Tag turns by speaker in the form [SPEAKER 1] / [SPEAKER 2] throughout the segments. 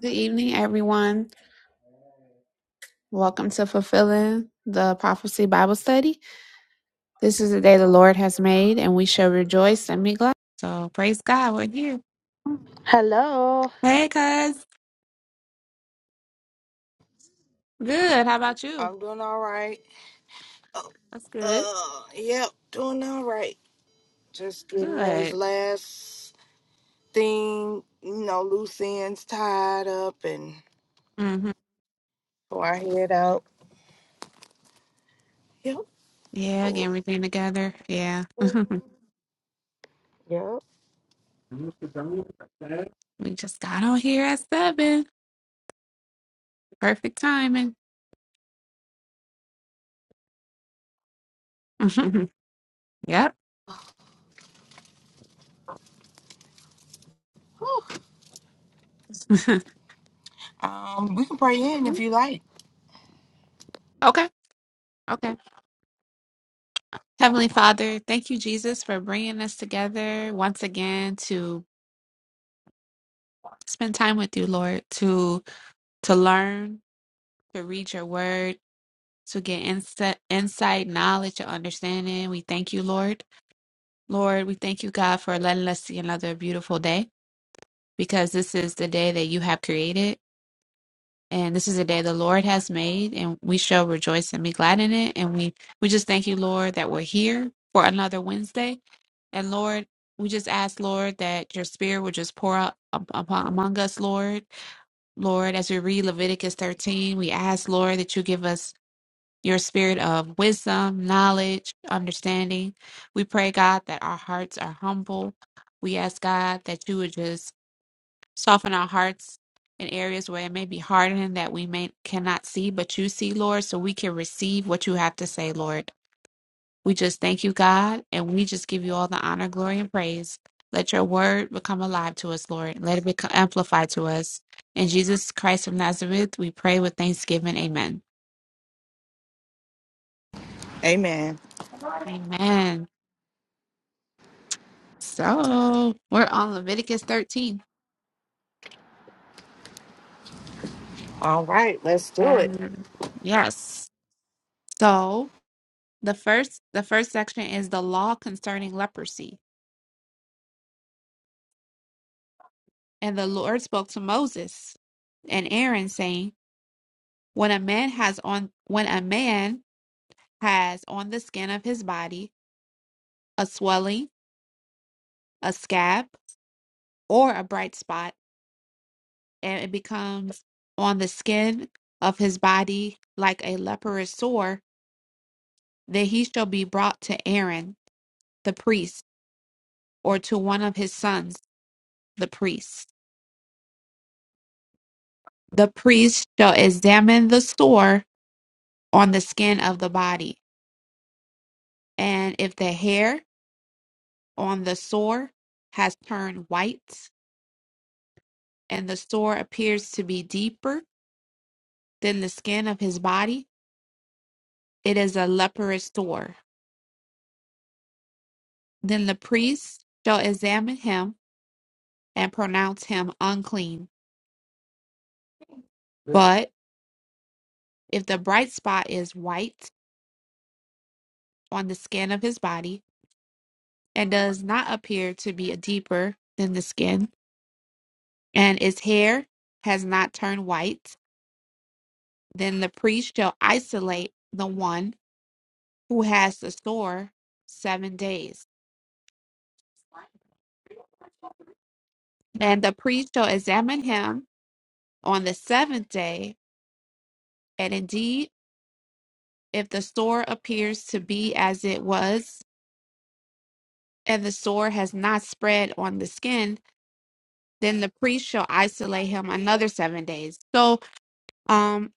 [SPEAKER 1] Good evening, everyone. Welcome to Fulfilling the Prophecy Bible Study. This is the day the Lord has made, and we shall rejoice and be glad. So, praise God, we're here.
[SPEAKER 2] Hello.
[SPEAKER 1] Hey, cuz. Good. How about you?
[SPEAKER 2] I'm doing all right. Oh,
[SPEAKER 1] That's good.
[SPEAKER 2] Uh, yep, doing all right. Just getting these
[SPEAKER 1] Good.
[SPEAKER 2] last thing, you know, loose ends tied up and
[SPEAKER 1] hmm
[SPEAKER 2] before I head out. Yep.
[SPEAKER 1] Yeah, getting
[SPEAKER 2] Oh,
[SPEAKER 1] everything together. Yeah.
[SPEAKER 2] Yep.
[SPEAKER 1] we just got on here at seven. Perfect timing. yep.
[SPEAKER 2] Um, we can pray in if you like.
[SPEAKER 1] okay. Okay. Heavenly Father, thank you, Jesus, for bringing us together once again to spend time with you, Lord, to to learn, to read your word, to get insight, insight, knowledge, and understanding. We thank you, Lord. Lord, we thank you, God, for letting us see another beautiful day because this is the day that you have created. And this is the day the Lord has made, and we shall rejoice and be glad in it. And we, we just thank you, Lord, that we're here for another Wednesday. And Lord, we just ask, Lord, that your spirit would just pour out up- upon among us, Lord. Lord, as we read Leviticus 13, we ask, Lord, that you give us your spirit of wisdom, knowledge, understanding. We pray, God, that our hearts are humble. We ask, God, that you would just soften our hearts in areas where it may be hardened that we may cannot see, but you see, Lord, so we can receive what you have to say, Lord. We just thank you, God, and we just give you all the honor, glory, and praise. Let your word become alive to us, Lord. Let it become amplified to us. In Jesus Christ of Nazareth, we pray with thanksgiving. Amen.
[SPEAKER 2] Amen.
[SPEAKER 1] Amen. So we're on Leviticus 13.
[SPEAKER 2] All right, let's do it.
[SPEAKER 1] And yes. So the first the first section is the law concerning leprosy. And the Lord spoke to Moses and Aaron, saying, When a man has on when a man has on the skin of his body a swelling, a scab, or a bright spot, and it becomes on the skin of his body like a leprous sore, then he shall be brought to Aaron, the priest, or to one of his sons, the priest. The priest shall examine the sore on the skin of the body, and if the hair on the sore has turned white, and the sore appears to be deeper than the skin of his body, it is a leprous sore. Then the priest shall examine him and pronounce him unclean. But if the bright spot is white on the skin of his body and does not appear to be deeper than the skin, and his hair has not turned white, then the priest shall isolate the one who has the sore seven days. And the priest shall examine him on the seventh day, and indeed If the sore appears to be as it was, and the sore has not spread on the skin, then the priest shall isolate him another seven days. So, um,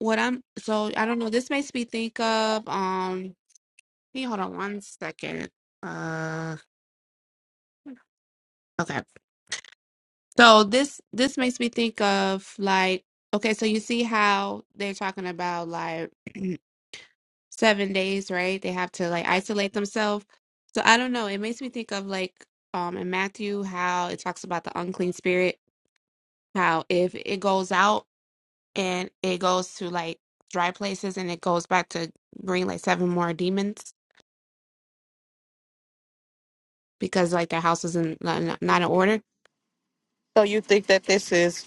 [SPEAKER 1] what I'm so I don't know. This makes me think of um. Hey, hold on one second. Uh, okay. So this this makes me think of like okay. So you see how they're talking about like seven days, right? They have to like isolate themselves. So I don't know. It makes me think of like um in Matthew how it talks about the unclean spirit, how if it goes out and it goes to like dry places and it goes back to bring like seven more demons because like their house is in not not in order.
[SPEAKER 2] So you think that this is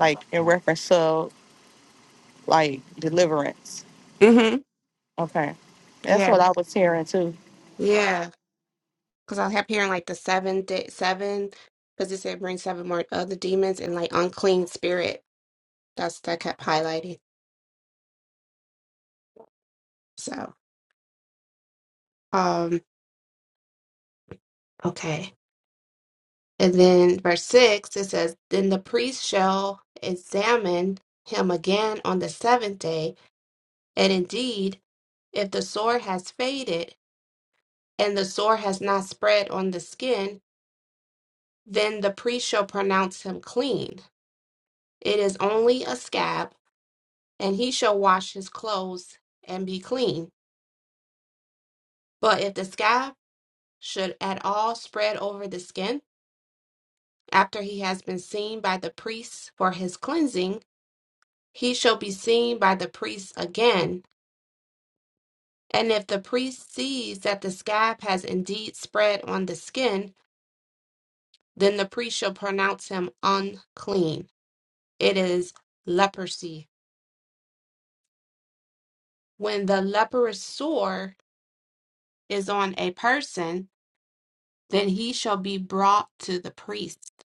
[SPEAKER 2] like in reference to like deliverance?
[SPEAKER 1] Mm-hmm.
[SPEAKER 2] Okay, that's
[SPEAKER 1] Yeah.
[SPEAKER 2] what I was hearing too.
[SPEAKER 1] Yeah. Because I kept hearing like the seven day seven because it said bring seven more other demons and like unclean spirit. That's that kept highlighting. So. Um, Okay. And then verse 6, it says, Then the priest shall examine him again on the seventh day. And indeed, if the sore has faded and the sore has not spread on the skin, then the priest shall pronounce him clean. It is only a scab, and he shall wash his clothes and be clean. But if the scab should at all spread over the skin, after he has been seen by the priest for his cleansing, he shall be seen by the priest again. And if the priest sees that the scab has indeed spread on the skin, then the priest shall pronounce him unclean. It is leprosy. When the leprous sore is on a person, then he shall be brought to the priest,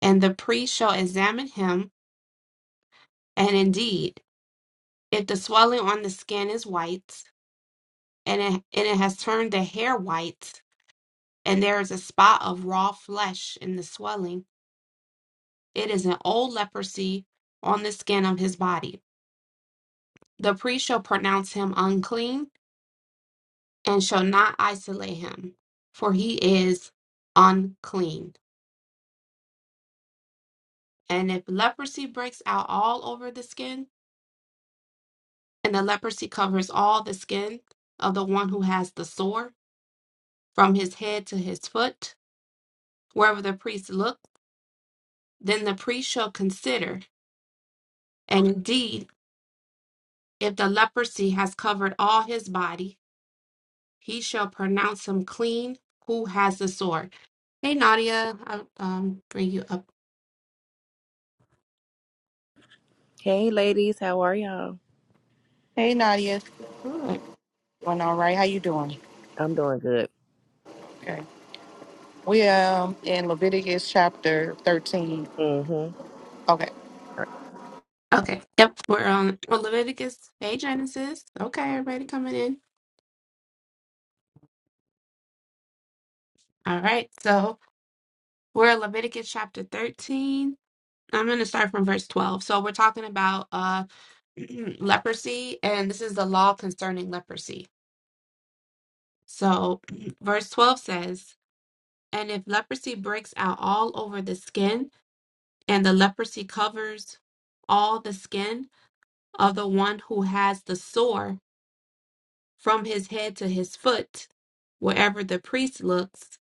[SPEAKER 1] and the priest shall examine him. And indeed, if the swelling on the skin is white, and it, and it has turned the hair white, and there is a spot of raw flesh in the swelling. It is an old leprosy on the skin of his body. The priest shall pronounce him unclean and shall not isolate him, for he is unclean. And if leprosy breaks out all over the skin, and the leprosy covers all the skin of the one who has the sore, from his head to his foot, wherever the priest looks, then the priest shall consider, and indeed If the leprosy has covered all his body, he shall pronounce him clean who has the sword. Hey, Nadia, I'll um, bring you up.
[SPEAKER 3] Hey, ladies, how are y'all?
[SPEAKER 2] Hey, Nadia,
[SPEAKER 1] Good.
[SPEAKER 2] going all right? How you doing?
[SPEAKER 3] I'm doing good.
[SPEAKER 2] We um in Leviticus chapter thirteen.
[SPEAKER 3] Mm-hmm.
[SPEAKER 2] Okay.
[SPEAKER 1] Okay, yep, we're on on Leviticus. Hey, Genesis. Okay, everybody coming in. All right, so we're in Leviticus chapter 13. I'm going to start from verse 12. So we're talking about uh, leprosy, and this is the law concerning leprosy. So verse 12 says, And if leprosy breaks out all over the skin, and the leprosy covers all the skin of the one who has the sore from his head to his foot, wherever the priest looks,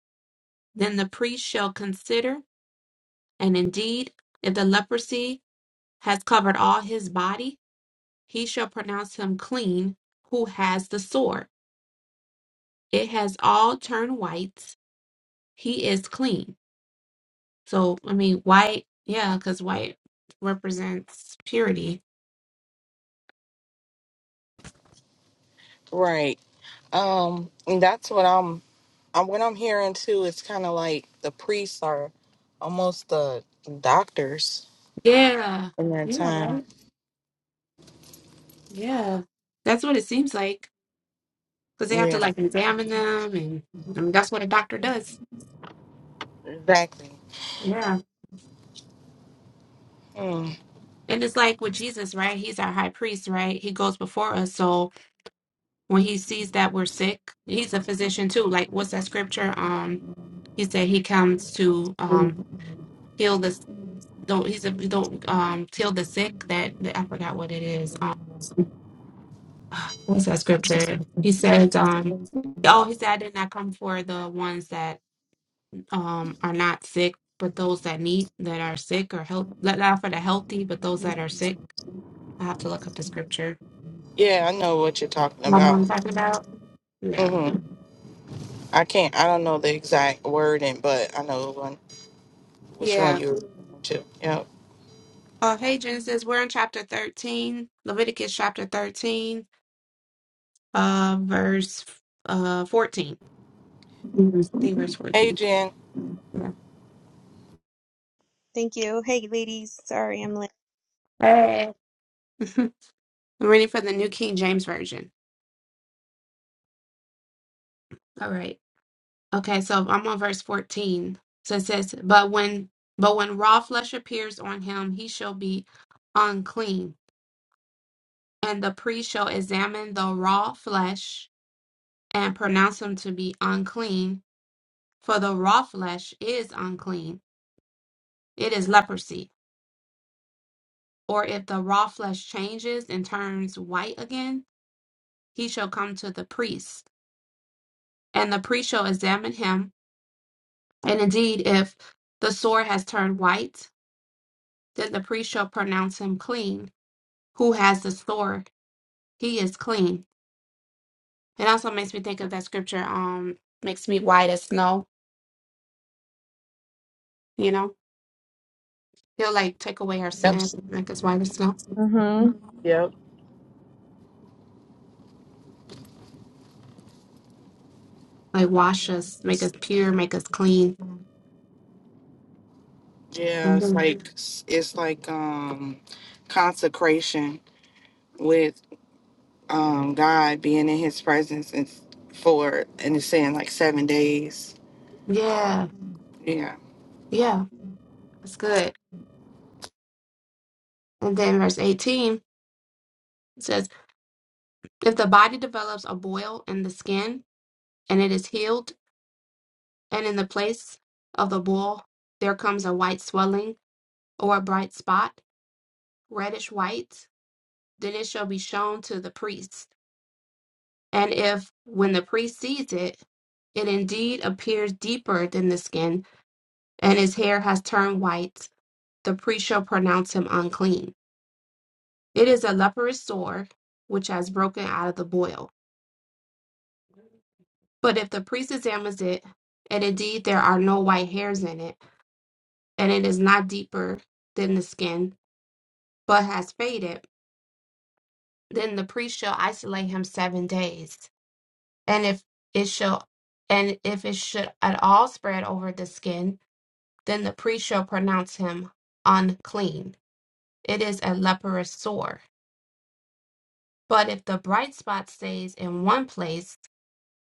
[SPEAKER 1] then the priest shall consider, and indeed, if the leprosy has covered all his body, he shall pronounce him clean who has the sore. It has all turned white. He is clean. So, I mean, white, yeah, because white represents purity.
[SPEAKER 2] Right. Um, and that's what I'm. I'm what I'm hearing too. It's kind of like the priests are almost the doctors
[SPEAKER 1] Yeah.
[SPEAKER 2] in that
[SPEAKER 1] Yeah,
[SPEAKER 2] time.
[SPEAKER 1] right. Yeah, that's what it seems like because they have to
[SPEAKER 2] Yeah,
[SPEAKER 1] like examine them, and I mean, that's what a doctor does.
[SPEAKER 2] exactly.
[SPEAKER 1] Yeah.
[SPEAKER 2] Mm.
[SPEAKER 1] And it's like with Jesus, right? He's our high priest, right? He goes before us. So when he sees that we're sick, he's a physician too. Like what's that scripture? Um, he said he comes to um heal the don't he's a don't um heal the sick that, that I forgot what it is. Um what's that scripture? He says um oh he said I did not come for the ones that um, are not sick, but those that need that are sick are health let out for the healthy, but those that are sick. I have to look up the scripture.
[SPEAKER 2] Yeah, I know what you're talking
[SPEAKER 1] My mom
[SPEAKER 2] about.
[SPEAKER 1] talking about. Yeah.
[SPEAKER 2] hmm I can't. I don't know the exact wording, but I know one, which one
[SPEAKER 1] Yeah.
[SPEAKER 2] you're referring to. Yep.
[SPEAKER 1] Uh hey Genesis, we're in chapter thirteen, Leviticus chapter thirteen, uh verse uh fourteen.
[SPEAKER 2] Mhm.
[SPEAKER 1] I think verse
[SPEAKER 2] Hey,
[SPEAKER 1] fourteen.
[SPEAKER 2] Jen.
[SPEAKER 1] Yeah.
[SPEAKER 4] Thank you. Hey, ladies. Sorry, I'm late.
[SPEAKER 1] Hey. I'm reading for the New King James Version. All right. Okay, so I'm on verse 14. So it says, But when but when raw flesh appears on him, he shall be unclean, and the priest shall examine the raw flesh and pronounce him to be unclean, for the raw flesh is unclean. It is leprosy. Or if the raw flesh changes and turns white again, he shall come to the priest, and the priest shall examine him. And indeed, if the sore has turned white, then the priest shall pronounce him clean who has the sword, he is clean. It also makes me think of that scripture, um, makes me white as snow, you know? He'll like take away our sin, make us white as snow,
[SPEAKER 4] Mm-hmm.
[SPEAKER 2] Yep.
[SPEAKER 1] like wash us, make us pure, make us clean.
[SPEAKER 2] Yeah,
[SPEAKER 1] And
[SPEAKER 2] it's
[SPEAKER 1] then,
[SPEAKER 2] like it's like um consecration with um God being in his presence and for and it's saying like seven days.
[SPEAKER 1] yeah,
[SPEAKER 2] Yeah.
[SPEAKER 1] yeah, that's good. And then verse 18 says, If the body develops a boil in the skin and it is healed, and in the place of the boil there comes a white swelling or a bright spot, reddish white, then it shall be shown to the priest And if, when the priest sees it, it indeed appears deeper than the skin, and his hair has turned white, the priest shall pronounce him unclean. It is a leprous sore which has broken out of the boil. But if the priest examines it, and indeed there are no white hairs in it, and it is not deeper than the skin, but has faded, then the priest shall isolate him seven days. And if it shall, and if it should at all spread over the skin, Then the priest shall pronounce him unclean. It is a leprous sore. But if the bright spot stays in one place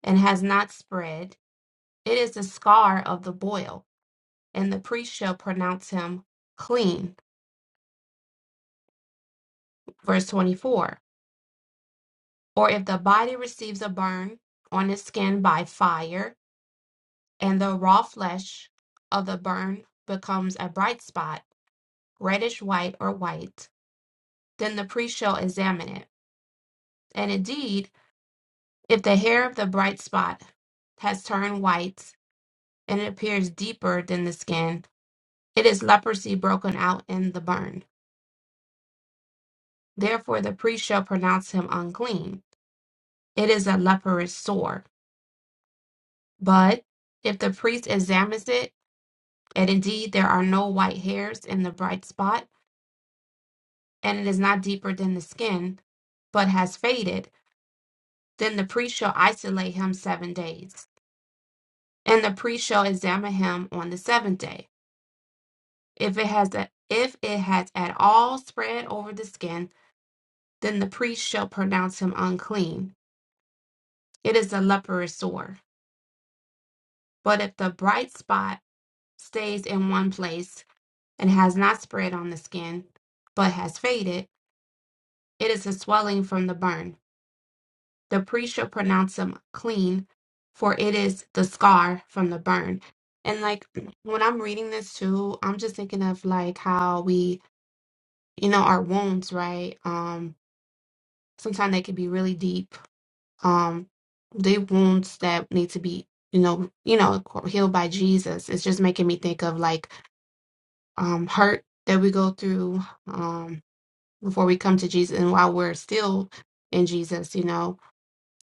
[SPEAKER 1] and has not spread, it is the scar of the boil, and the priest shall pronounce him clean. Verse 24. Or if the body receives a burn on its skin by fire, and the raw flesh of the burn becomes a bright spot, reddish white or white, then the priest shall examine it. And indeed, If the hair of the bright spot has turned white and it appears deeper than the skin, it is leprosy broken out in the burn. Therefore, the priest shall pronounce him unclean. It is a leprous sore. But if the priest examines it, and indeed there are no white hairs in the bright spot, and it is not deeper than the skin, but has faded, then the priest shall isolate him seven days. And the priest shall examine him on the seventh day If it has a, if it has at all spread over the skin, then the priest shall pronounce him unclean. It is a leprous sore. But if the bright spot stays in one place and has not spread on the skin, but has faded, it is a swelling from the burn. The priest shall pronounce him clean, for it is the scar from the burn. And like when I'm reading this too, I'm just thinking of like how we, you know, our wounds, right? Um. sometimes they can be really deep. Um, they wounds that need to be, you know, you know, healed by Jesus. It's just making me think of like um, hurt that we go through um, before we come to Jesus, and while we're still in Jesus, you know,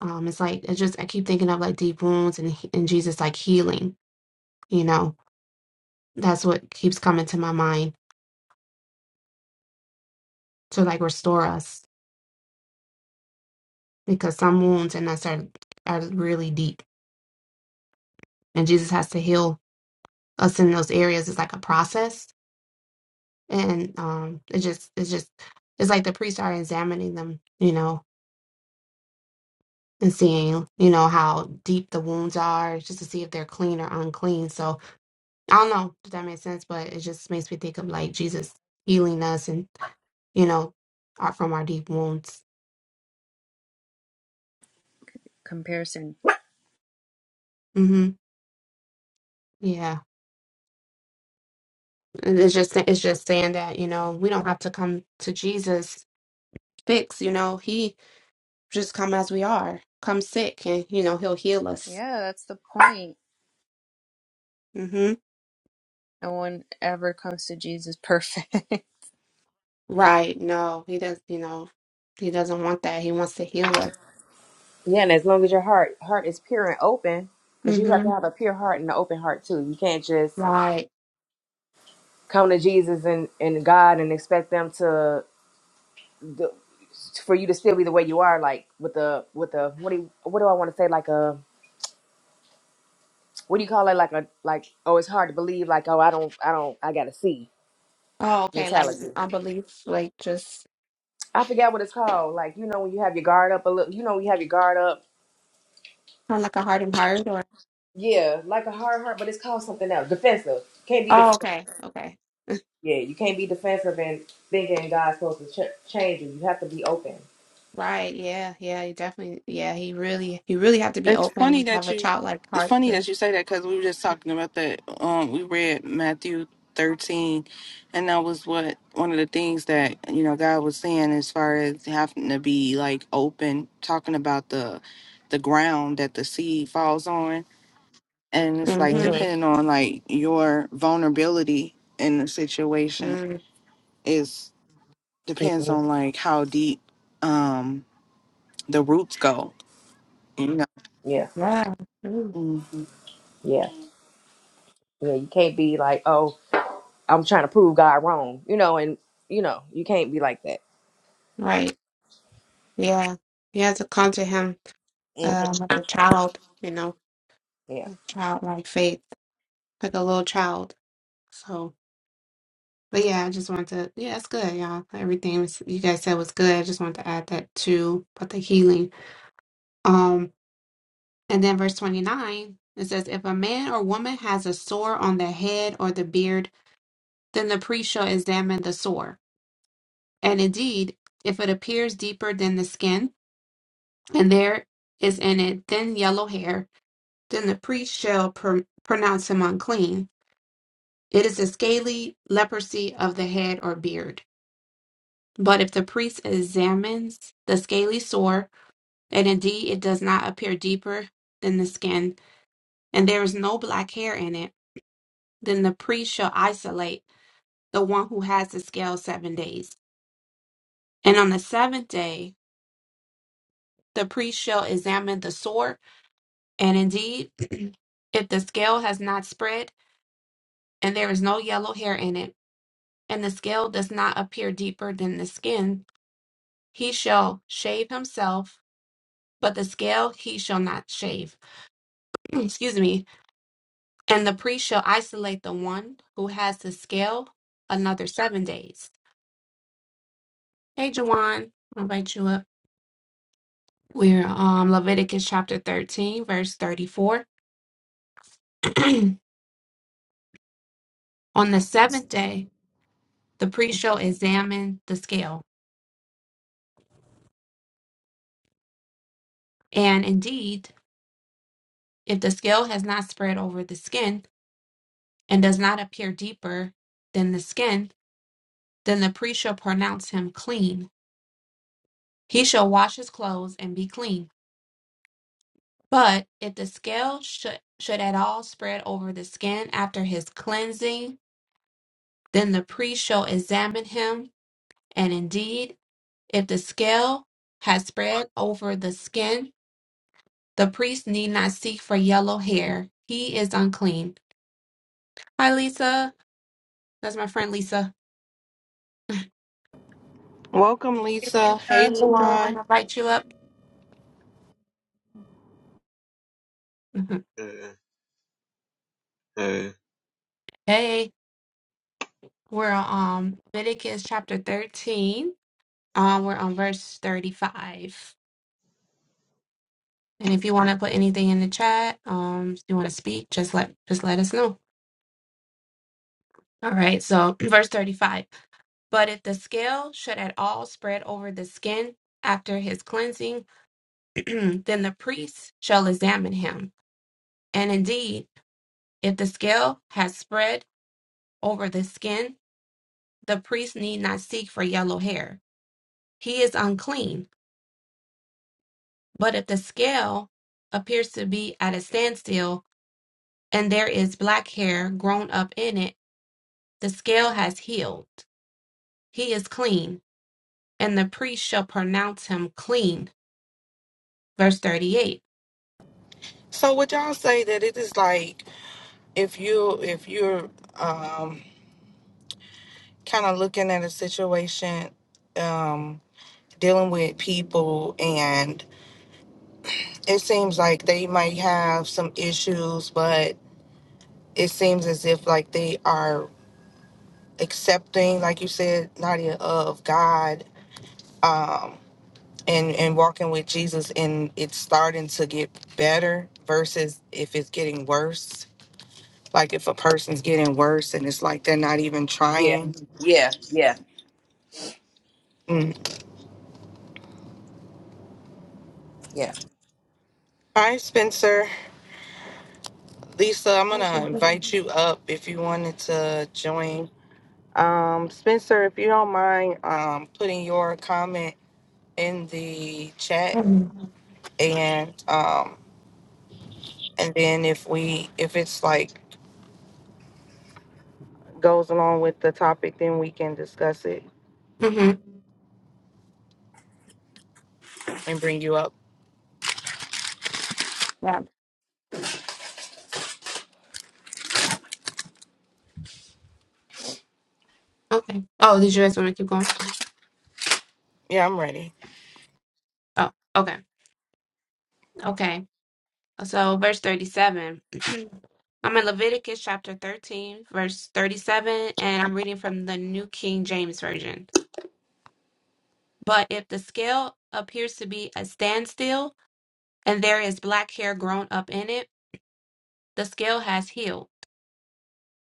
[SPEAKER 1] um, it's like it's just I keep thinking of like deep wounds and and Jesus like healing. You know, that's what keeps coming to my mind to like restore us because some wounds in us are are really deep, and Jesus has to heal us in those areas. It's like a process and um it just it's just it's like the priests are examining them you know and seeing you know how deep the wounds are just to see if they're clean or unclean so i don't know if that makes sense but it just makes me think of like jesus healing us and you know our, from our deep wounds
[SPEAKER 4] Comparison.
[SPEAKER 1] hmm yeah And it's just it's just saying that you know we don't have to come to jesus fixed you know he just come as we are come sick and you know he'll heal us
[SPEAKER 4] Yeah, that's the point.
[SPEAKER 1] Mm-hmm.
[SPEAKER 4] No one ever comes to Jesus perfect.
[SPEAKER 1] Right. No, he does, you know, he doesn't want that. He wants to heal us.
[SPEAKER 3] Yeah, and as long as your heart heart is pure and open, because you have to
[SPEAKER 1] Mm-hmm.
[SPEAKER 3] have a pure heart and an open heart too. You can't just
[SPEAKER 1] Right.
[SPEAKER 3] come to Jesus and, and God and expect them to the, for you to still be the way you are, like with the with the what do you, what do I want to say? Like a what do you call it? Like a like oh, it's hard to believe. Like oh, I don't I don't I gotta see
[SPEAKER 1] Oh, okay. Like mm,
[SPEAKER 3] mentality.
[SPEAKER 1] unbelief, like just
[SPEAKER 3] I forgot what it's called. Like you know when you have your guard up a little. You know when you have your guard up
[SPEAKER 1] kind of like a hardened heart or
[SPEAKER 3] Yeah, like a hard heart, but it's called something else. Defensive. Can't be
[SPEAKER 1] Oh,
[SPEAKER 3] defensive.
[SPEAKER 1] okay. Okay.
[SPEAKER 3] Yeah, you can't be defensive and thinking God's supposed to ch- change you. You have to be open.
[SPEAKER 1] Right. Yeah. Yeah. He definitely, yeah, he really, he really have to be
[SPEAKER 2] It's funny
[SPEAKER 1] open, have
[SPEAKER 2] that
[SPEAKER 1] a
[SPEAKER 2] you
[SPEAKER 1] childlike
[SPEAKER 2] it's
[SPEAKER 1] heart
[SPEAKER 2] funny that you
[SPEAKER 1] to
[SPEAKER 2] say that because we were just talking about that. Um we read Matthew thirteen and that was what one of the things that, you know, God was saying as far as having to be like open, talking about the the ground that the seed falls on and it's like
[SPEAKER 3] Mm-hmm,
[SPEAKER 2] depending on like your vulnerability in the situation
[SPEAKER 1] Mm,
[SPEAKER 2] is depends
[SPEAKER 3] hmm
[SPEAKER 2] on like how deep um the roots go you know
[SPEAKER 3] Yeah,
[SPEAKER 1] yeah. Mm,
[SPEAKER 2] hmm
[SPEAKER 3] yeah, yeah. You can't be like, oh, I'm trying to prove God wrong, you know, and you know, you can't be like that.
[SPEAKER 1] right. Yeah. You have to come to him
[SPEAKER 3] hmm
[SPEAKER 1] um, with a child, you know,
[SPEAKER 3] Yeah,
[SPEAKER 1] a childlike faith, like a little child. So, but yeah, I just wanted to, yeah, it's good, y'all. Everything was, you guys said was good. I just wanted to add that too about the healing. Um, and then verse 29, it says, If a man or woman has a sore on the head or the beard, then the priest shall examine the sore. And indeed, if it appears deeper than the skin, and there is in it thin yellow hair, then the priest shall pr- pronounce him unclean. It is a scaly leprosy of the head or beard. But if the priest examines the scaly sore, and indeed it does not appear deeper than the skin, and there is no black hair in it, then the priest shall isolate the one who has the scale seven days. And on the seventh day, the priest shall examine the sore, and indeed, if the scale has not spread, and there is no yellow hair in it, and the scale does not appear deeper than the skin, he shall shave himself, but the scale he shall not shave. Excuse me. And the priest shall isolate the one who has the scale another seven days. Hey, Jawan, I'll invite you up. We're um Leviticus chapter 13, verse 34. On the seventh day, the priest shall examine the scale. And indeed, if the scale has not spread over the skin, and does not appear deeper than the skin, then the priest shall pronounce him clean. He shall wash his clothes and be clean. But if the scale should, should at all spread over the skin after his cleansing, then the priest shall examine him. And indeed, if the scale has spread over the skin, the priest need not seek for yellow hair. He is unclean. Hi, Lisa. That's my friend Lisa.
[SPEAKER 2] welcome lisa hey
[SPEAKER 1] Lisa. I'm gonna
[SPEAKER 2] Talon.
[SPEAKER 1] invite you up.
[SPEAKER 5] Mm, mm.
[SPEAKER 1] hey. We're on Leviticus chapter 13. Um, we're on verse 35. And if you want to put anything in the chat, um, if you want to speak, just let just let us know. All right, so verse 35. But if the scale should at all spread over the skin after his cleansing, then the priest shall examine him. And indeed, if the scale has spread over the skin, the priest need not seek for yellow hair. He is unclean But if the scale appears to be at a standstill and there is black hair grown up in it, the scale has healed. He is clean, and the priest shall pronounce him clean. Verse 38.
[SPEAKER 2] so would y'all say that it is like if you if you're um kind of looking at a situation um dealing with people and it seems like they might have some issues but it seems as if like they are accepting, like you said, Nadia, of God um, and and walking with Jesus, and it's starting to get better versus if it's getting worse. Like if a person's getting worse and it's like they're not even
[SPEAKER 3] yeah,
[SPEAKER 2] trying.
[SPEAKER 3] yeah, yeah,
[SPEAKER 2] Mm.
[SPEAKER 3] yeah.
[SPEAKER 2] All right, Spencer, Lisa, I'm gonna invite you up if you wanted to join. Um, Spencer, if you don't mind um, putting your comment in the chat
[SPEAKER 1] hmm
[SPEAKER 2] and um, and then if we if it's like goes along with the topic, then we can discuss it and bring you up.
[SPEAKER 1] Yeah. Okay. Oh, did you guys want to keep going?
[SPEAKER 2] Yeah, I'm ready.
[SPEAKER 1] Oh, okay. Okay. So, verse 37. I'm in Leviticus chapter 13, verse 37, and I'm reading from the New King James Version. But if the scale appears to be a standstill and there is black hair grown up in it, the scale has healed.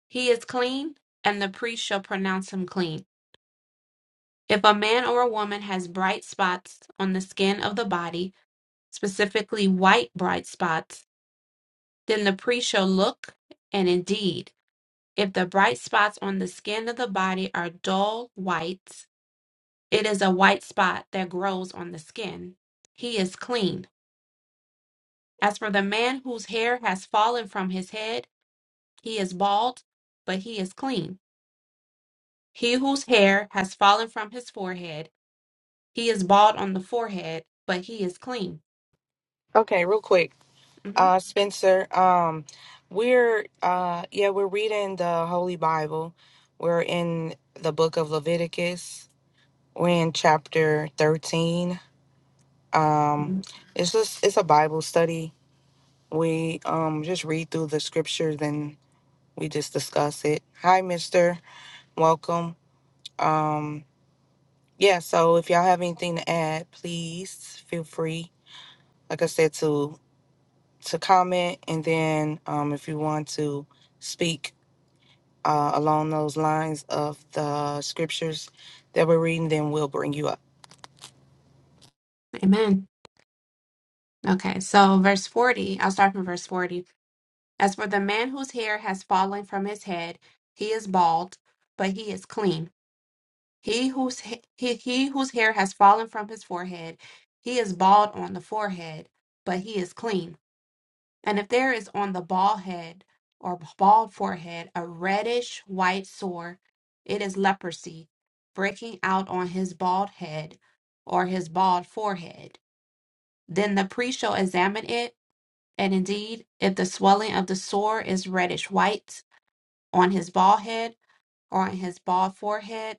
[SPEAKER 1] He is clean, and the priest shall pronounce him clean. If a man or a woman has bright spots on the skin of the body, specifically white bright spots, then the priest shall look, and indeed, if the bright spots on the skin of the body are dull whites, it is a white spot that grows on the skin. He is clean As for the man whose hair has fallen from his head, he is bald, but he is clean. He whose hair has fallen from his forehead, he is bald on the forehead, but he is clean.
[SPEAKER 2] Okay, real quick.
[SPEAKER 1] Mhm.
[SPEAKER 2] Uh Spencer, um we're uh yeah, we're reading the Holy Bible. We're in the book of Leviticus. We're in chapter 13. Um
[SPEAKER 1] Mhm.
[SPEAKER 2] it's just it's a Bible study. We um just read through the scriptures and we just discuss it. Hi, mister. Welcome. Um yeah, so if y'all have anything to add, please feel free, like I said, to to comment and then um if you want to speak uh along those lines of the scriptures that we're reading, then we'll bring you up.
[SPEAKER 1] Amen. Okay, so verse 40, I'll start from verse 40. As for the man whose hair has fallen from his head, he is bald, but he is clean. He whose ha- he, he whose hair has fallen from his forehead, he is bald on the forehead, but he is clean. And if there is on the bald head or bald forehead a reddish white sore, it is leprosy breaking out on his bald head or his bald forehead. Then the priest shall examine it, and indeed, if the swelling of the sore is reddish white on his bald head or on his bald forehead,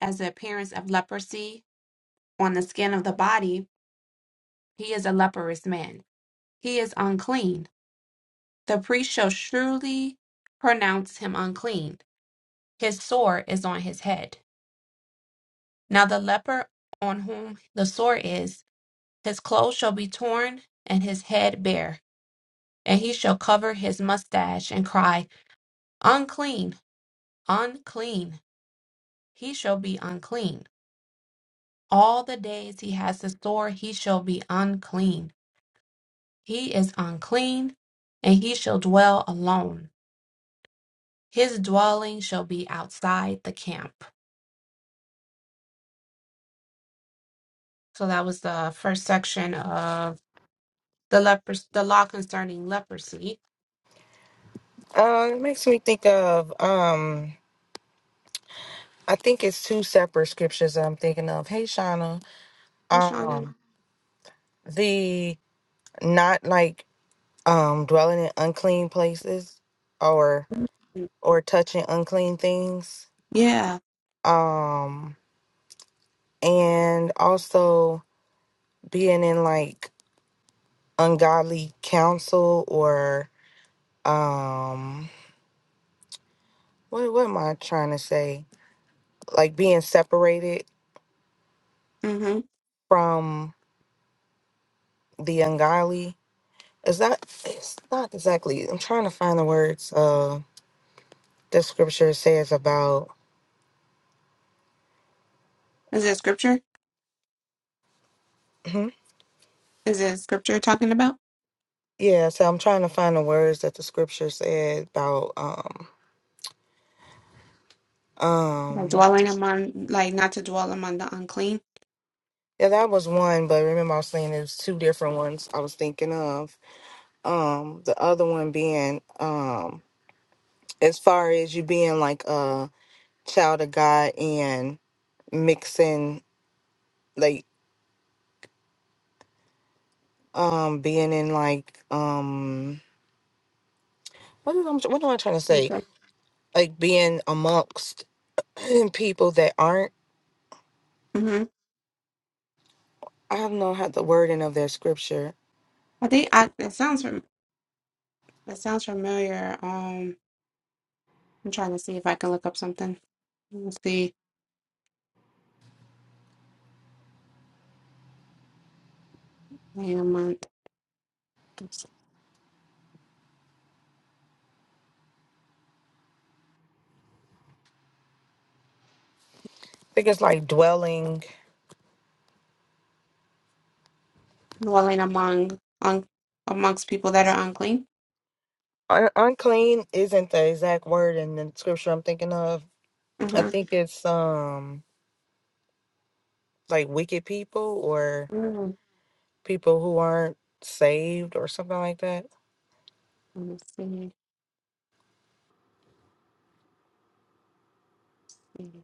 [SPEAKER 1] as the appearance of leprosy on the skin of the body, he is a leprous man. He is unclean The priest shall surely pronounce him unclean. His sore is on his head. Now the leper on whom the sore is, his clothes shall be torn and his head bare, and he shall cover his mustache and cry, Unclean, unclean. He shall be unclean. All the days he has the sore, he shall be unclean. He is unclean, and he shall dwell alone. His dwelling shall be outside the camp So that was the first section of the leper, the law concerning leprosy.
[SPEAKER 2] Uh it makes me think of um I think it's two separate scriptures that I'm thinking of. Hey Shauna.
[SPEAKER 1] Hey, Shauna.
[SPEAKER 2] Um the not like um dwelling in unclean places or or touching unclean things.
[SPEAKER 1] Yeah.
[SPEAKER 2] Um and also being in like ungodly counsel or um what what am I trying to say? Like being separated
[SPEAKER 1] Mm-hmm.
[SPEAKER 2] from the ungodly. Is that it's not exactly I'm trying to find the words uh the scripture says about
[SPEAKER 1] Is it scripture?
[SPEAKER 2] Mhm.
[SPEAKER 1] Is it scripture talking about
[SPEAKER 2] yeah, so I'm trying to find the words that the scripture said about um
[SPEAKER 1] like
[SPEAKER 2] um
[SPEAKER 1] dwelling among, like not to dwell among the unclean?
[SPEAKER 2] yeah, that was one, but remember I was saying there's two different ones I was thinking of. um the other one being um as far as you being like a child of god and mixing like um being in like um what is I'm, what am i trying to say
[SPEAKER 1] Okay.
[SPEAKER 2] like being amongst people that aren't
[SPEAKER 1] Mm-hmm.
[SPEAKER 2] i don't know how the wording of their scripture
[SPEAKER 1] I think I, it sounds fam- it sounds familiar. Um, I'm trying to see if I can look up something. Let's see. Dwelling among,
[SPEAKER 2] i think it's like dwelling
[SPEAKER 1] dwelling among, un, amongst people that are unclean.
[SPEAKER 2] Un- unclean isn't the exact word in the scripture i'm thinking of i think it's um like wicked people
[SPEAKER 1] Mm-hmm.
[SPEAKER 2] people who aren't saved or something like that.
[SPEAKER 1] Let me see.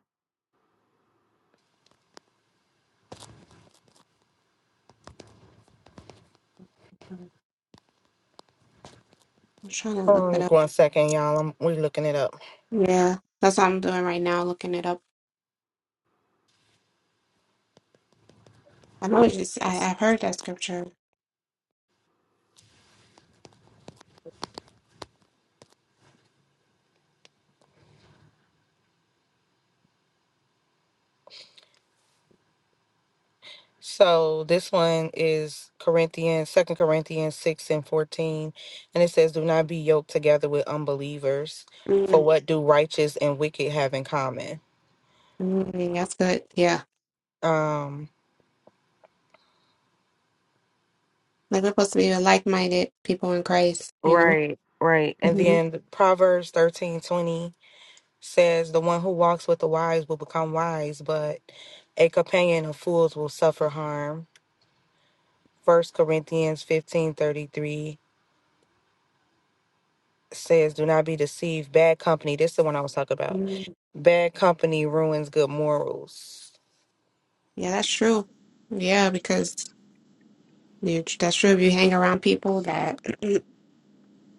[SPEAKER 1] I'm trying to
[SPEAKER 2] Hold
[SPEAKER 1] look
[SPEAKER 2] on
[SPEAKER 1] it up.
[SPEAKER 2] one second, y'all. I'm we looking it up.
[SPEAKER 1] Yeah, that's what I'm doing right now, looking it up. I know it's just, I, I've heard that scripture.
[SPEAKER 2] So this one is Corinthians, Second Corinthians six and fourteen, and it says, "Do not be yoked together with unbelievers. For
[SPEAKER 1] Mm,
[SPEAKER 2] what do righteous and wicked have in common?"
[SPEAKER 1] mm, that's good. Yeah.
[SPEAKER 2] Um,
[SPEAKER 1] Like we're supposed to be like minded people in Christ, you know?
[SPEAKER 2] right, right. And
[SPEAKER 1] hmm
[SPEAKER 2] then Proverbs thirteen twenty says, "The one who walks with the wise will become wise, but a companion of fools will suffer harm." First Corinthians fifteen thirty three says, Do not be deceived. Bad company, this is the one I was talking about.
[SPEAKER 1] Mm,
[SPEAKER 2] Bad company ruins good morals.
[SPEAKER 1] yeah, that's true. Yeah, because you, that's true. If you hang around people that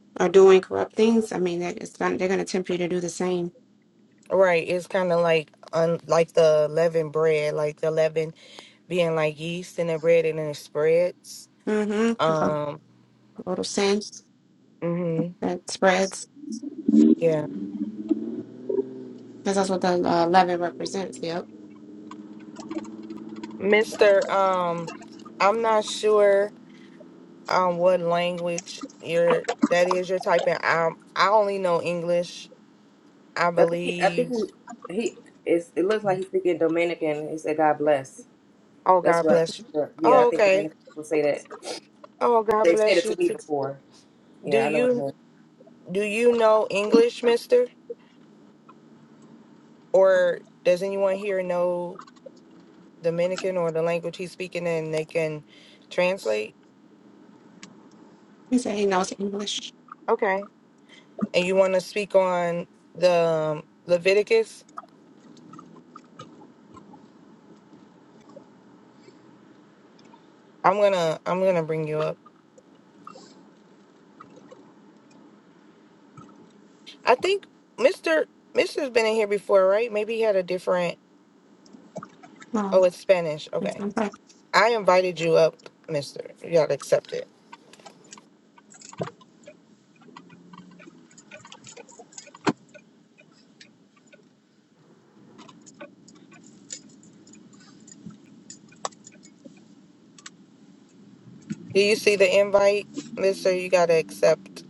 [SPEAKER 1] are doing corrupt things, I mean, that it's, gonna- they're going to tempt you to do the same.
[SPEAKER 2] Right. It's kind of like un, like the leaven bread, like the leaven being like yeast in the bread and then it spreads.
[SPEAKER 1] Mm-hmm.
[SPEAKER 2] Um,
[SPEAKER 1] Little sin
[SPEAKER 2] hmm
[SPEAKER 1] that spreads.
[SPEAKER 2] yeah.
[SPEAKER 1] Because that's what the uh, leaven represents. Yep.
[SPEAKER 2] Mr. Um, I'm not sure um what language you're that is you're typing. I I only know English, I
[SPEAKER 3] I think he, I think
[SPEAKER 2] believe.
[SPEAKER 3] he, he is. It looks like he's speaking Dominican. He said, "God bless."
[SPEAKER 2] Oh,
[SPEAKER 3] That's
[SPEAKER 2] God
[SPEAKER 3] what.
[SPEAKER 2] bless you.
[SPEAKER 3] I, yeah, I
[SPEAKER 1] Oh,
[SPEAKER 2] Oh,
[SPEAKER 3] think
[SPEAKER 2] okay.
[SPEAKER 3] Dominican people say that.
[SPEAKER 2] Oh, well, God
[SPEAKER 3] They said
[SPEAKER 2] bless
[SPEAKER 3] it
[SPEAKER 2] you.
[SPEAKER 3] to me
[SPEAKER 2] too.
[SPEAKER 3] before.
[SPEAKER 2] Do
[SPEAKER 3] Yeah, I know what it
[SPEAKER 2] you
[SPEAKER 3] means.
[SPEAKER 2] do you know English, Mister? Or does anyone here know Dominican or the language he's speaking in? They can translate.
[SPEAKER 1] He said he knows English.
[SPEAKER 2] Okay. And you want to speak on the um, Leviticus? I'm gonna I'm gonna bring you up. I think Mister Mister's been in here before, right? Maybe he had a different. Oh,
[SPEAKER 1] Oh,
[SPEAKER 2] it's Spanish. Okay.
[SPEAKER 1] okay.
[SPEAKER 2] I invited you up, Mister. You gotta accept it. Do you see the invite, Mister? You gotta accept.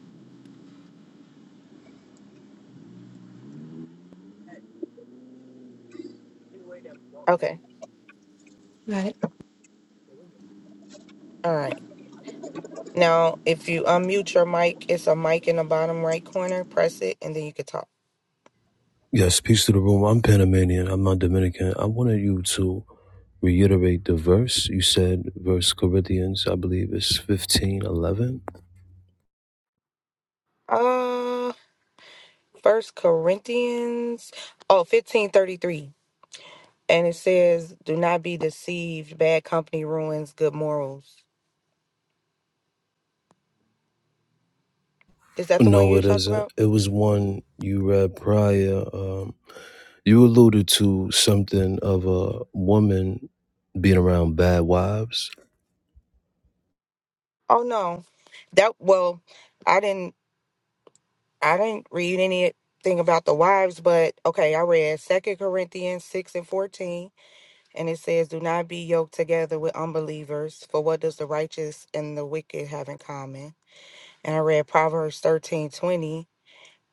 [SPEAKER 2] Okay.
[SPEAKER 1] Got it.
[SPEAKER 2] All right. Now, if you unmute your mic, it's a mic in the bottom right corner. Press it, and then you can talk.
[SPEAKER 6] Yes, peace to the room. I'm Panamanian. I'm not Dominican. I wanted you to reiterate the verse. You said verse Corinthians, I believe it's fifteen eleven.
[SPEAKER 2] Uh, First Corinthians, oh, 1533, And it says, Do not be deceived. Bad company ruins good morals. Is that the one
[SPEAKER 6] No,
[SPEAKER 2] you were
[SPEAKER 6] it
[SPEAKER 2] talking
[SPEAKER 6] isn't.
[SPEAKER 2] about?
[SPEAKER 6] It was one you read prior. Um, you alluded to something of a woman being around bad wives.
[SPEAKER 2] Oh, no. That, well, I didn't, I didn't read anything about the wives, but okay, I read Second Corinthians 6 and 14. And it says, Do not be yoked together with unbelievers, for what does the righteous and the wicked have in common? And I read Proverbs thirteen twenty,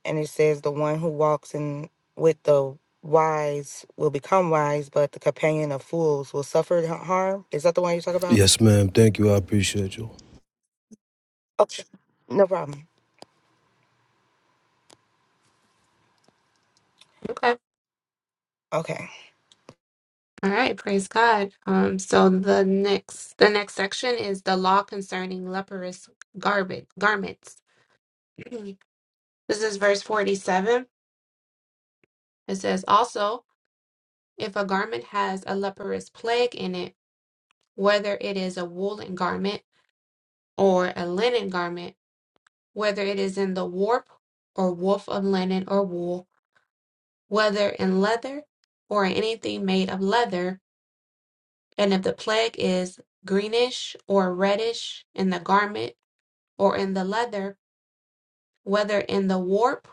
[SPEAKER 2] and it says, The one who walks in with the wise will become wise, but the companion of fools will suffer h- harm. Is that the one you talk about?
[SPEAKER 6] Yes, ma'am. Thank you. I appreciate you.
[SPEAKER 2] Okay. No problem.
[SPEAKER 1] Okay.
[SPEAKER 2] Okay.
[SPEAKER 1] All right, praise God. Um, so the next the next section is the law concerning leprous garbage garments. this is verse 47. It says also, if a garment has a leprous plague in it, whether it is a woolen garment or a linen garment, whether it is in the warp or woof of linen or wool, whether in leather or anything made of leather, and if the plague is greenish or reddish in the garment or in the leather, whether in the warp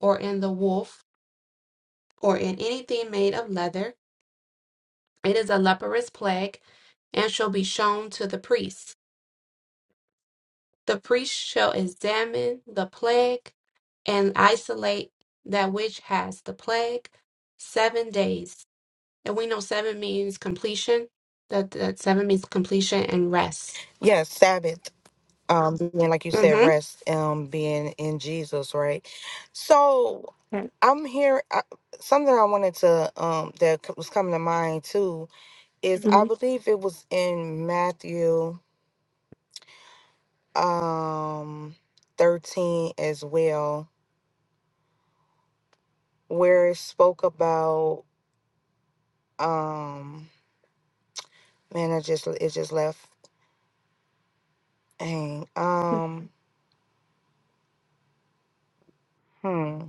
[SPEAKER 1] or in the woof, or in anything made of leather, it is a leprous plague, and shall be shown to the priest. The priest shall examine the plague and isolate that which has the plague seven days. And we know seven means completion. That, that seven means completion and rest.
[SPEAKER 2] Yes, Sabbath. Um, being like you said,
[SPEAKER 1] Mm-hmm.
[SPEAKER 2] rest, um, being in Jesus, right? So
[SPEAKER 1] Okay.
[SPEAKER 2] I'm here. I, something I wanted to um that c- was coming to mind too is I
[SPEAKER 1] hmm
[SPEAKER 2] believe it was in Matthew um 13 as well, where it spoke about um man, I just it just left hang. Um hmm.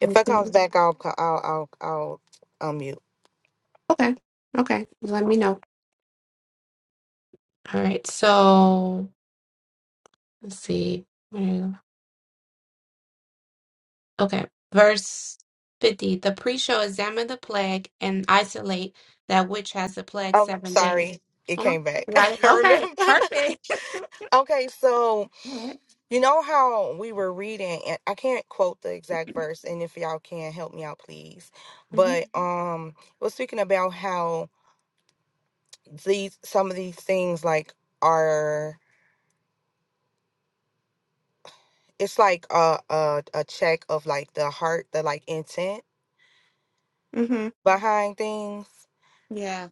[SPEAKER 2] If it comes back I'll co- I'll I'll I'll unmute.
[SPEAKER 1] Okay. Okay. Let me know. All right. So. Let's see. Mm, Okay. Verse 50. The priest shall examine the plague and isolate that which has the plague
[SPEAKER 2] Oh
[SPEAKER 1] seven days.
[SPEAKER 2] sorry, it
[SPEAKER 1] Uh-huh.
[SPEAKER 2] came back.
[SPEAKER 1] Got it?
[SPEAKER 2] I
[SPEAKER 1] Okay.
[SPEAKER 2] remember.
[SPEAKER 1] Perfect.
[SPEAKER 2] okay, so
[SPEAKER 1] All right.
[SPEAKER 2] you know how we were reading and I can't quote the exact verse and if y'all can help me out please.
[SPEAKER 1] Mm-hmm.
[SPEAKER 2] But um was speaking about how these some of these things like are it's like a a, a check of like the heart, the like intent
[SPEAKER 1] Mm-hmm.
[SPEAKER 2] behind things.
[SPEAKER 1] Yeah.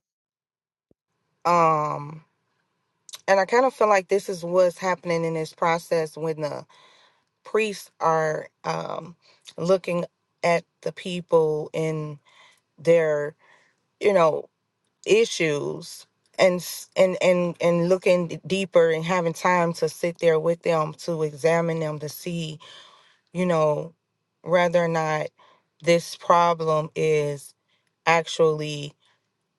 [SPEAKER 2] Um and I kind of feel like this is what's happening in this process when the priests are um looking at the people in their, you know, issues and s- and and and looking deeper and having time to sit there with them to examine them to see you know, whether or not this problem is actually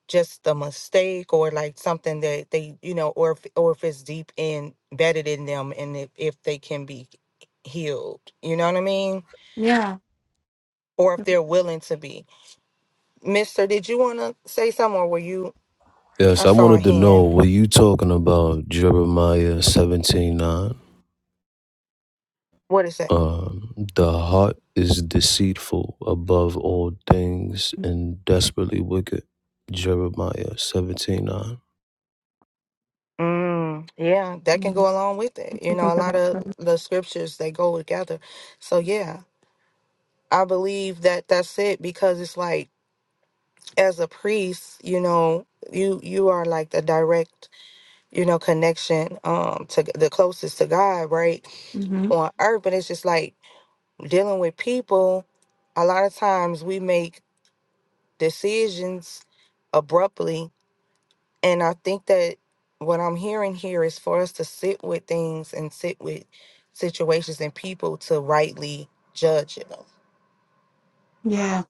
[SPEAKER 2] just a mistake or like something that they, you know, or if, or if it's deep in embedded in them and if, if they can be healed, you know what I mean?
[SPEAKER 1] Yeah.
[SPEAKER 2] Or if they're willing to be. Mister, did you want to say something or were you? I
[SPEAKER 6] Yes, I
[SPEAKER 2] saw a
[SPEAKER 6] wanted to know,
[SPEAKER 2] hand.
[SPEAKER 6] were you talking about Jeremiah seventeen nine?
[SPEAKER 2] What is that?
[SPEAKER 6] Um, the heart is deceitful above all things and desperately wicked. Jeremiah 17 9.
[SPEAKER 2] Mm, yeah, that can
[SPEAKER 1] Mm-hmm.
[SPEAKER 2] go along with it. You know, a lot of the scriptures they go together. So yeah, I believe that that's it because it's like as a priest, you know, you you are like the direct, you know, connection um to the closest to God, right? On earth, but it's just like dealing with people, a lot of times we make decisions abruptly and I think that what I'm hearing here is for us to sit with things and sit with situations and people to rightly judge them.
[SPEAKER 1] Yeah.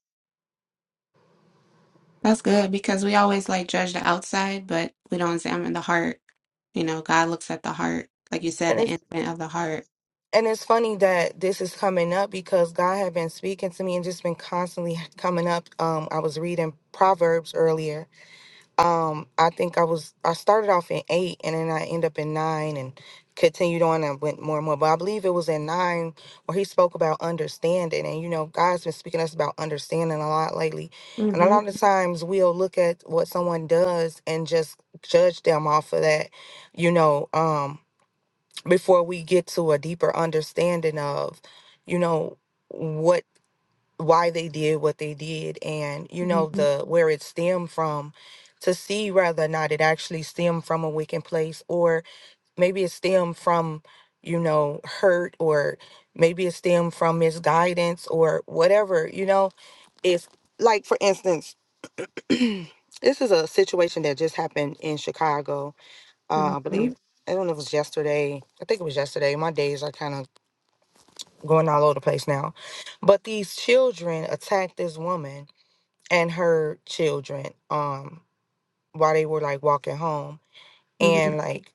[SPEAKER 1] That's good because we always like judge the outside, but we don't examine the heart. You know, God looks at the heart, like you said, the intent of the heart.
[SPEAKER 2] And it's funny that this is coming up because God had been speaking to me and just been constantly coming up. Um, I was reading Proverbs earlier. Um, I think I was I started off in eight and then I end up in nine and continued on and went more and more. But I believe it was in nine where he spoke about understanding. And you know, God's been speaking to us about understanding a lot lately. And a
[SPEAKER 1] Mm-hmm.
[SPEAKER 2] lot of times we'll look at what someone does and just judge them off of that, you know. Um before we get to a deeper understanding of you know what why they did what they did and you know
[SPEAKER 1] Mm-hmm.
[SPEAKER 2] the where it stemmed from to see whether or not it actually stemmed from a wicked place or maybe it stemmed from you know hurt or maybe it stemmed from misguidance or whatever you know if like for instance this is a situation that just happened in chicago uh, i
[SPEAKER 1] Mm-hmm.
[SPEAKER 2] believe I don't know if it was yesterday. I think it was yesterday. My days are kind of going all over the place now. But these children attacked this woman and her children um while they were like walking home and like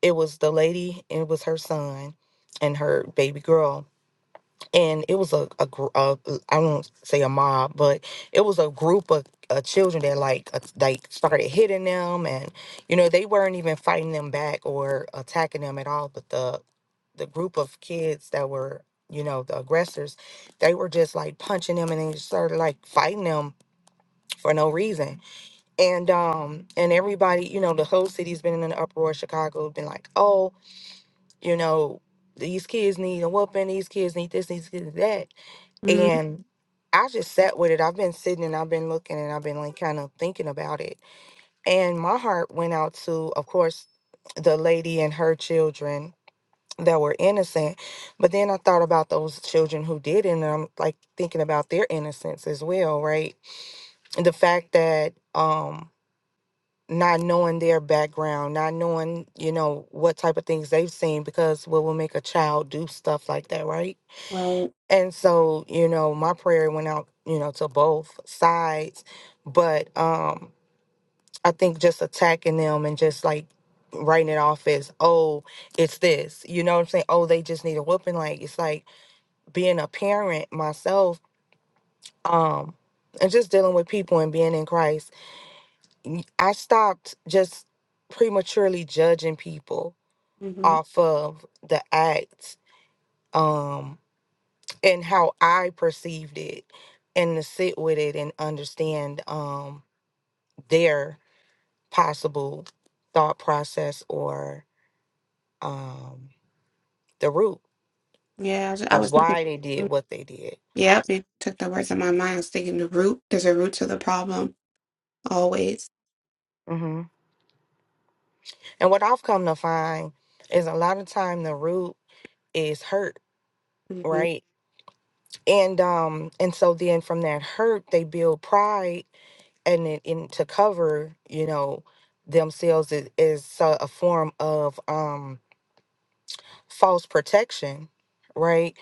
[SPEAKER 2] it was the lady and it was her son and her baby girl and it was a, a, gr- a I won't say a mob, but it was a group of uh, children that like uh, like started hitting them, and you know they weren't even fighting them back or attacking them at all. But the the group of kids that were you know the aggressors, they were just like punching them, and they just started like fighting them for no reason. And um and everybody, you know, the whole city's been in an uproar. Chicago been like, oh, you know, these kids need a whooping. These kids need this. These kids need that
[SPEAKER 1] Mm-hmm.
[SPEAKER 2] and I just sat with it. I've been sitting and I've been looking and I've been like kind of thinking about it. And my heart went out to, of course, the lady and her children that were innocent. But then I thought about those children who did, and I'm like thinking about their innocence as well, right? the fact that um not knowing their background not knowing you know what type of things they've seen because what will make a child do stuff like that right
[SPEAKER 1] Right.
[SPEAKER 2] and so, you know, my prayer went out, you know, to both sides, but um I think just attacking them and just like writing it off as, oh, it's this. You know what I'm saying? Oh, they just need a whooping. Like it's like being a parent myself, um, and just dealing with people and being in Christ, y- I stopped just prematurely judging people
[SPEAKER 1] Mm-hmm.
[SPEAKER 2] off of the acts. Um and how I perceived it and to sit with it and understand um their possible thought process or um the root
[SPEAKER 1] Yeah, I was, I
[SPEAKER 2] of
[SPEAKER 1] was thinking.
[SPEAKER 2] why they did
[SPEAKER 1] mm,
[SPEAKER 2] what they did.
[SPEAKER 1] Yep, you took the words out of my mind. I was thinking the root. There's a root to the problem always.
[SPEAKER 2] hmm And what I've come to find is a lot of time the root is hurt,
[SPEAKER 1] hmm
[SPEAKER 2] right? And um and so then from that hurt they build pride and it in to cover, you know, themselves is, is so- a form of um false protection, right?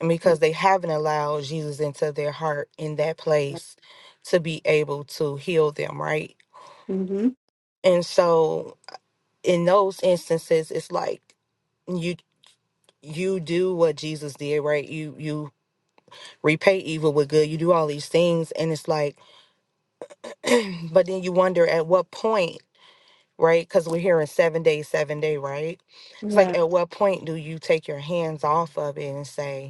[SPEAKER 2] And because they haven't allowed Jesus into their heart in that place to be able to heal them, right?
[SPEAKER 1] hmm
[SPEAKER 2] And so in those instances, it's like you you do what Jesus did, right? You you repay evil with good. You do all these things, and it's like, but then you wonder at what point, right? Because we're hearing seven days, seven day, right? It's like
[SPEAKER 1] Yeah.
[SPEAKER 2] at what point do you take your hands off of it and say,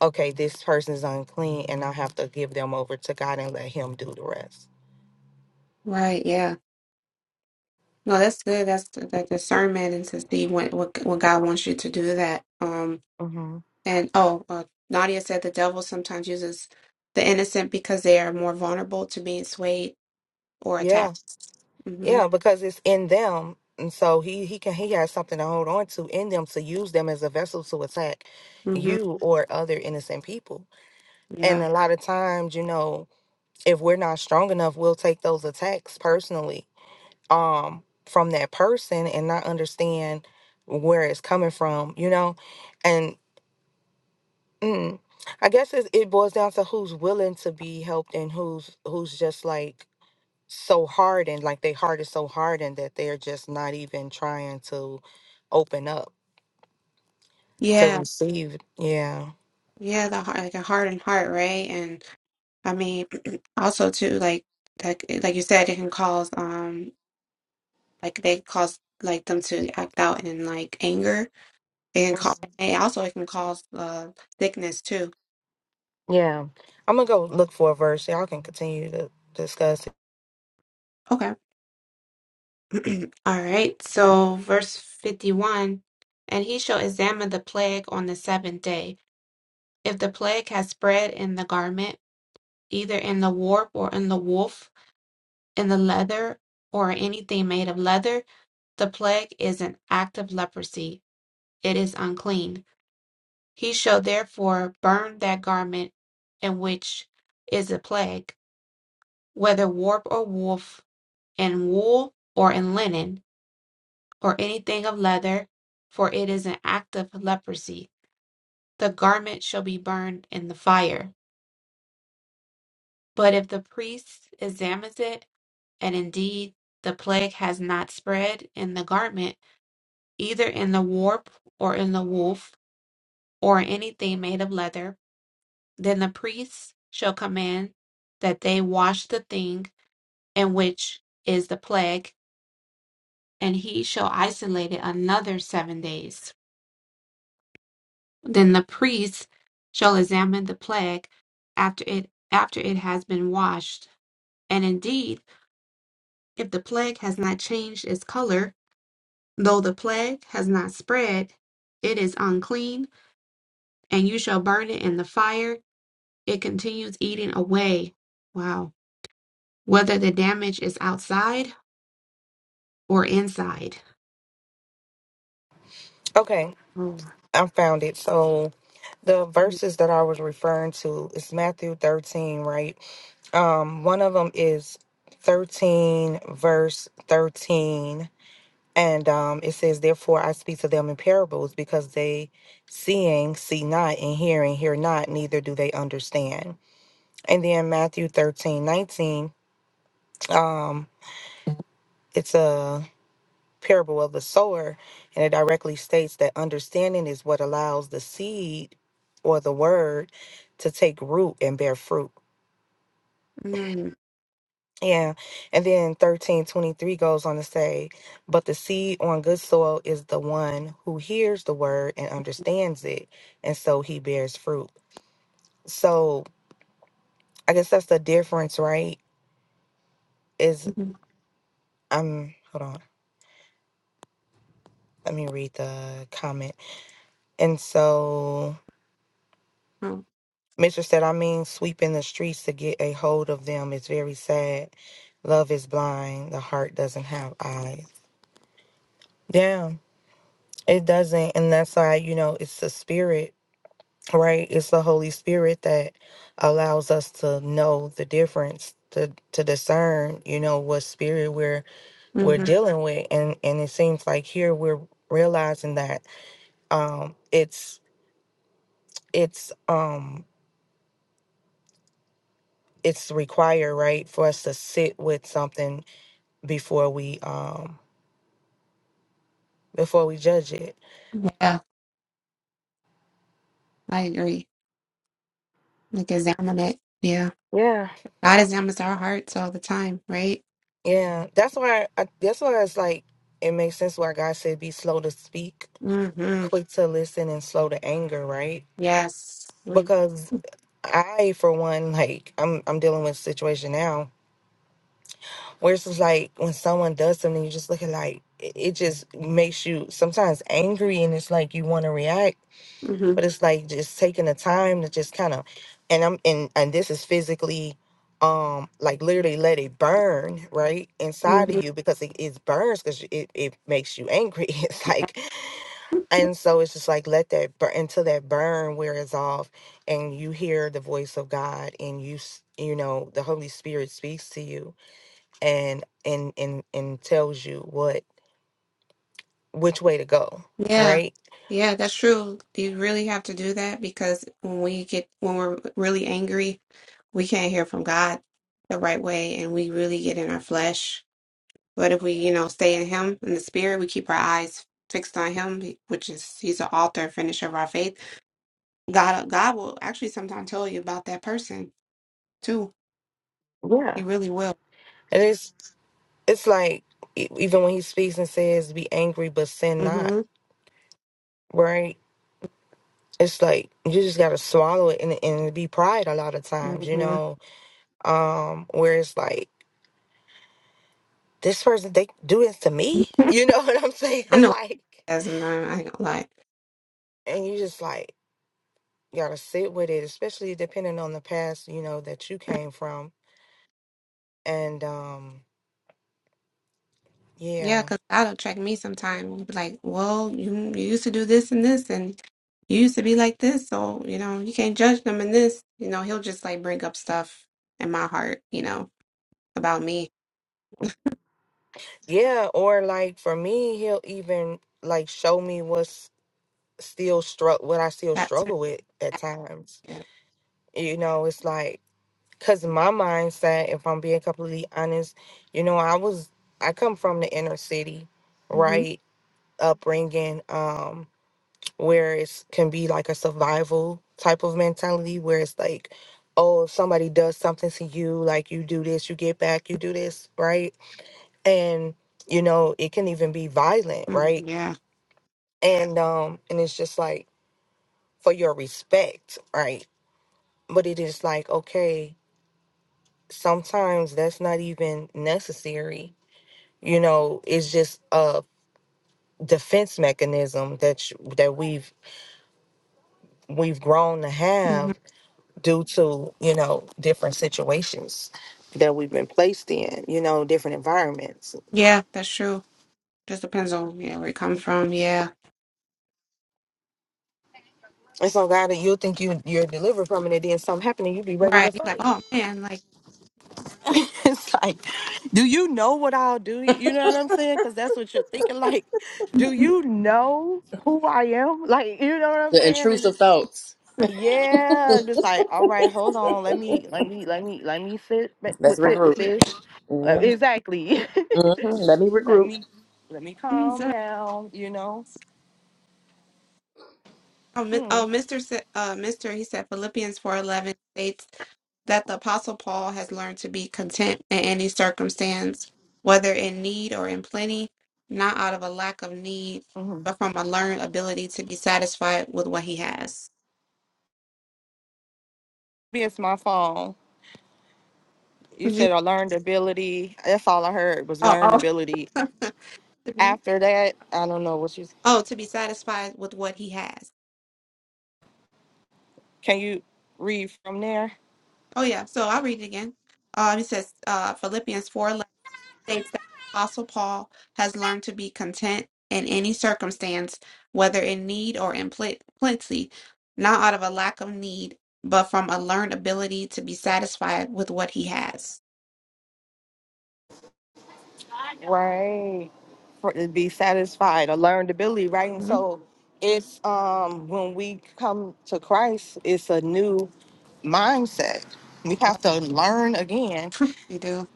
[SPEAKER 2] okay, this person's unclean, and I have to give them over to God and let Him do the rest.
[SPEAKER 1] Right. Yeah. No, that's good. That's the, the discernment and to see what, what what God wants you to do. That. Um.
[SPEAKER 2] hmm
[SPEAKER 1] And oh, uh, Nadia said the devil sometimes uses the innocent because they are more vulnerable to being swayed or
[SPEAKER 2] Yeah,
[SPEAKER 1] attacked. hmm
[SPEAKER 2] yeah, because it's in them, and so He He can He has something to hold on to in them to use them as a vessel to attack
[SPEAKER 1] hmm
[SPEAKER 2] you or other innocent people. And
[SPEAKER 1] Yeah.
[SPEAKER 2] a lot of times, you know, if we're not strong enough, we'll take those attacks personally um, from that person and not understand where it's coming from, you know, and Mm. I guess it's, it boils down to who's willing to be helped and who's who's just like so hardened, like their heart is so hardened that they're just not even trying to open up to
[SPEAKER 1] Yeah.
[SPEAKER 2] receive. Yeah.
[SPEAKER 1] Yeah. The heart, like a hardened heart, right? And. I mean, also too, like like like you said, it can cause um like they cause like them to act out in like anger. It can cause and also it can cause uh sickness too.
[SPEAKER 2] Yeah. I'm gonna go look for a verse. Y'all can continue to discuss it.
[SPEAKER 1] Okay. All right. So verse 51, and he shall examine the plague on the seventh day. If the plague has spread in the garment, either in the warp or in the woof, in the leather or anything made of leather, the plague is an act of leprosy. It is unclean. He shall therefore burn that garment in which is a plague, whether warp or woof, in wool or in linen, or anything of leather, for it is an act of leprosy. The garment shall be burned in the fire. But if the priest examines it, and indeed the plague has not spread in the garment, either in the warp or in the woof, or in anything made of leather, Then the priests shall command that they wash the thing in which is the plague, and he shall isolate it another seven days. Then the priest shall examine the plague after it after it has been washed. And indeed, if the plague has not changed its color, though the plague has not spread, it is unclean, and you shall burn it in the fire. It continues eating away. Wow. Whether the damage is outside or inside.
[SPEAKER 2] Okay.
[SPEAKER 1] Oh.
[SPEAKER 2] I found it. So the verses that I was referring to is Matthew 13, right? Um, one of them is 13 verse 13 And um, it says, Therefore I speak to them in parables, because they seeing see not, and hearing hear not, neither do they understand. And then Matthew 13 19, um, it's a parable of the sower, and it directly states that understanding is what allows the seed or the word to take root and bear fruit.
[SPEAKER 1] Mm-hmm.
[SPEAKER 2] Yeah. And then 1323 goes on to say, But the seed on good soil is the one who hears the word and understands it, and so he bears fruit. So I guess that's the difference, right? Is
[SPEAKER 1] Mm-hmm.
[SPEAKER 2] um hold on. Let me read the comment. And so
[SPEAKER 1] Oh,
[SPEAKER 2] Mister said, I mean sweeping the streets to get a hold of them is very sad. Love is blind, the heart doesn't have eyes. Yeah, it doesn't. And that's why, you know, it's the spirit right? It's the Holy Spirit that allows us to know the difference, to to discern, you know, what spirit we're we're
[SPEAKER 1] mm-hmm.
[SPEAKER 2] dealing with. And and it seems like here we're realizing that um it's it's um it's required, right, for us to sit with something before we um before we judge it.
[SPEAKER 1] Yeah, I agree. Like examine it. Yeah.
[SPEAKER 2] Yeah.
[SPEAKER 1] God examines our hearts all the time, right?
[SPEAKER 2] Yeah. That's why I, that's why it's like it makes sense why God said be slow to speak,
[SPEAKER 1] Mm-hmm.
[SPEAKER 2] quick to listen and slow to anger, right?
[SPEAKER 1] Yes. We,
[SPEAKER 2] because I, for one, like I'm I'm dealing with a situation now where it's just like when someone does something, you just look at like it, it just makes you sometimes angry, and it's like you want to react,
[SPEAKER 1] hmm
[SPEAKER 2] but it's like just taking the time to just kind of, and I'm and and this is physically, um, like literally let it burn right inside of
[SPEAKER 1] hmm
[SPEAKER 2] you because it, it burns because it it makes you angry. It's like and so it's just like let that burn until that burn wears off and you hear the voice of God and you s- you know the Holy Spirit speaks to you and and and and tells you what which way to go,
[SPEAKER 1] Yeah.
[SPEAKER 2] right?
[SPEAKER 1] Yeah, that's true. You really have to do that because when we get when we're really angry, we can't hear from God the right way and we really get in our flesh But if we, you know, stay in Him, in the Spirit, we keep our eyes fixed on Him, which is He's the author and finisher of our faith. God, God will actually sometimes tell you about that person too.
[SPEAKER 2] Yeah.
[SPEAKER 1] He really will.
[SPEAKER 2] And it's it's like e- even when he speaks and says be angry but sin not,
[SPEAKER 1] hmm
[SPEAKER 2] right? It's like you just got to swallow it and and be pride a lot of times, you
[SPEAKER 1] hmm
[SPEAKER 2] know. Um where it's like this person they do this to me, you know what I'm saying?
[SPEAKER 1] I know.
[SPEAKER 2] Like
[SPEAKER 1] As I ain't gonna lie.
[SPEAKER 2] and you just like gotta sit with it, especially depending on the past, you know, that you came from. And um
[SPEAKER 1] Yeah,
[SPEAKER 2] yeah.
[SPEAKER 1] because God will check me sometimes. Be like, well, you, you used to do this and this, and you used to be like this, so you know you can't judge them in this. You know, He'll just like bring up stuff in my heart, you know, about me.
[SPEAKER 2] Yeah, or like for me, he'll even like show me what's still struck what I still
[SPEAKER 1] That's it.
[SPEAKER 2] struggle with at times.
[SPEAKER 1] Yeah.
[SPEAKER 2] You know, it's like cuz my mindset, if I'm being completely honest, you know, I was I come from the inner city,
[SPEAKER 1] hmm
[SPEAKER 2] right? Upbringing. Um where it can be like a survival type of mentality where it's like oh if somebody does something to you like you do this you get back you do this right and you know it can even be violent right
[SPEAKER 1] hmm Yeah.
[SPEAKER 2] and um and it's just like for your respect right but it is like okay sometimes that's not even necessary you know it's just a defense mechanism that you, that we've we've grown to have
[SPEAKER 1] Mm-hmm.
[SPEAKER 2] due to you know different situations that we've been placed in you know different environments
[SPEAKER 1] Yeah, that's true. Just depends on you know, where you come from. Yeah,
[SPEAKER 2] and so god you'll think you you're delivered from it and then something happened and you be ready to
[SPEAKER 1] right. You're like,
[SPEAKER 2] fight
[SPEAKER 1] oh man, like
[SPEAKER 2] it's like do you know what i'll do you know what i'm saying because that's what you're thinking like do
[SPEAKER 1] mm,
[SPEAKER 2] you know who i am like you know what i'm
[SPEAKER 3] The
[SPEAKER 2] saying and
[SPEAKER 3] intrusive
[SPEAKER 2] it's
[SPEAKER 3] thoughts.
[SPEAKER 2] yeah just like all right hold on let me let me let me let me sit ba-
[SPEAKER 3] Let's
[SPEAKER 2] with sit with
[SPEAKER 3] regroup.
[SPEAKER 1] yeah,
[SPEAKER 2] this Uh,
[SPEAKER 3] hmm
[SPEAKER 2] exactly
[SPEAKER 3] hmm Let me
[SPEAKER 2] let
[SPEAKER 3] regroup.
[SPEAKER 2] me let me
[SPEAKER 1] he's
[SPEAKER 2] calm
[SPEAKER 1] a,
[SPEAKER 2] down, you know.
[SPEAKER 1] oh, mi-
[SPEAKER 2] Hmm.
[SPEAKER 1] oh, Mister, said- uh, Mister, he said Philippians four eleven states that the apostle Paul has learned to be content in any circumstance, whether in need or in plenty, not out of a lack of need,
[SPEAKER 2] hmm
[SPEAKER 1] but from a learned ability to be satisfied with what he has.
[SPEAKER 2] It's my phone. You said
[SPEAKER 1] Mhm.
[SPEAKER 2] a learned ability. That's all I heard was
[SPEAKER 1] Oh,
[SPEAKER 2] learned ability.
[SPEAKER 1] oh.
[SPEAKER 2] After that, I don't know what you
[SPEAKER 1] oh, to be satisfied with what he has.
[SPEAKER 2] can you read from there?
[SPEAKER 1] Oh yeah, so I'll read it again. Um, it says uh, Philippians four eleven states that Apostle Paul has learned to be content in any circumstance, whether in need or in pl plenty, not out of a lack of need, but from a learned ability to be satisfied with what he has.
[SPEAKER 2] Right. For to be satisfied, a learned ability, right? And
[SPEAKER 1] Mhm.
[SPEAKER 2] so it's um when we come to Christ, it's a new mindset. We have to learn again.
[SPEAKER 1] You do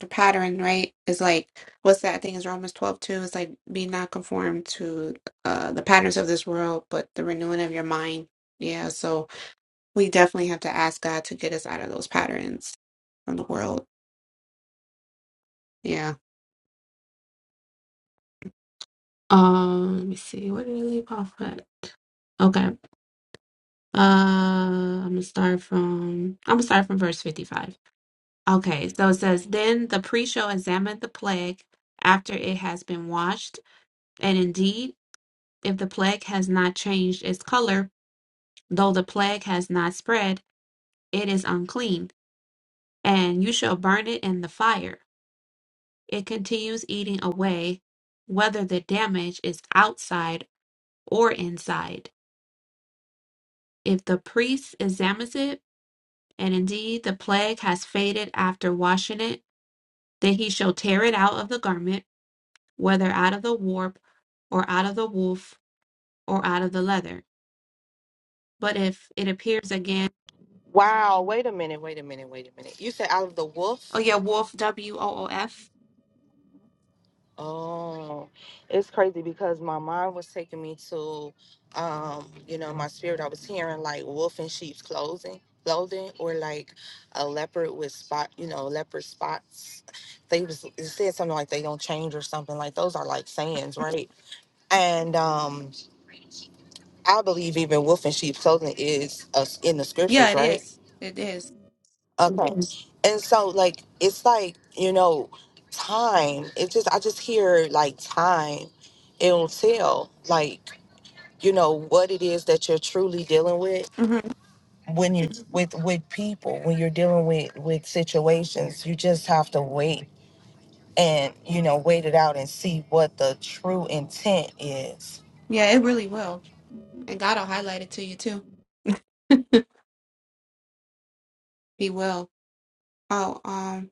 [SPEAKER 1] the pattern, right? Is like what's that? thing? is Romans twelve two. It's like be not conformed to uh, the patterns of this world, but the renewing of your mind. Yeah, so. we definitely have to ask God to get us out of those patterns from the world. Yeah. Um, let me see. Where did I leave off at? Okay. Uh, I'm gonna start from I'm gonna start from verse 55. Okay, so it says, Then the priest shall examine the plague after it has been washed, and indeed, if the plague has not changed its color, though the plague has not spread, it is unclean, and you shall burn it in the fire. It continues eating away, whether the damage is outside or inside. If the priest examines it, and indeed the plague has faded after washing it, then he shall tear it out of the garment, whether out of the warp, or out of the woof, or out of the leather. But if it appears again,
[SPEAKER 2] Wow, wait a minute, wait a minute, wait a minute. You said out of the
[SPEAKER 1] oh
[SPEAKER 2] wolf?
[SPEAKER 1] yeah, wolf, W O O F.
[SPEAKER 2] Oh, it's crazy because my mind was taking me to, um, you know, my spirit. I was hearing like wolf in sheep's clothing, clothing, or like a leopard with spot, you know, leopard spots. They was it said something like they don't change or something like those are like sayings, right? And um, I believe even wolf in sheep's clothing is uh, in the
[SPEAKER 1] Yeah,
[SPEAKER 2] scriptures,
[SPEAKER 1] it
[SPEAKER 2] right?
[SPEAKER 1] is. It is.
[SPEAKER 2] Okay. Mhm. And so like it's like, you know, time. It just I just hear like time. It'll tell like, you know, what it is that you're truly dealing with
[SPEAKER 1] Mm-hmm.
[SPEAKER 2] when you with with people, when you're dealing with with situations, you just have to wait and, you know, wait it out and see what the true intent is.
[SPEAKER 1] Yeah, it really will. And God will highlight it to you too. He will. Oh, um.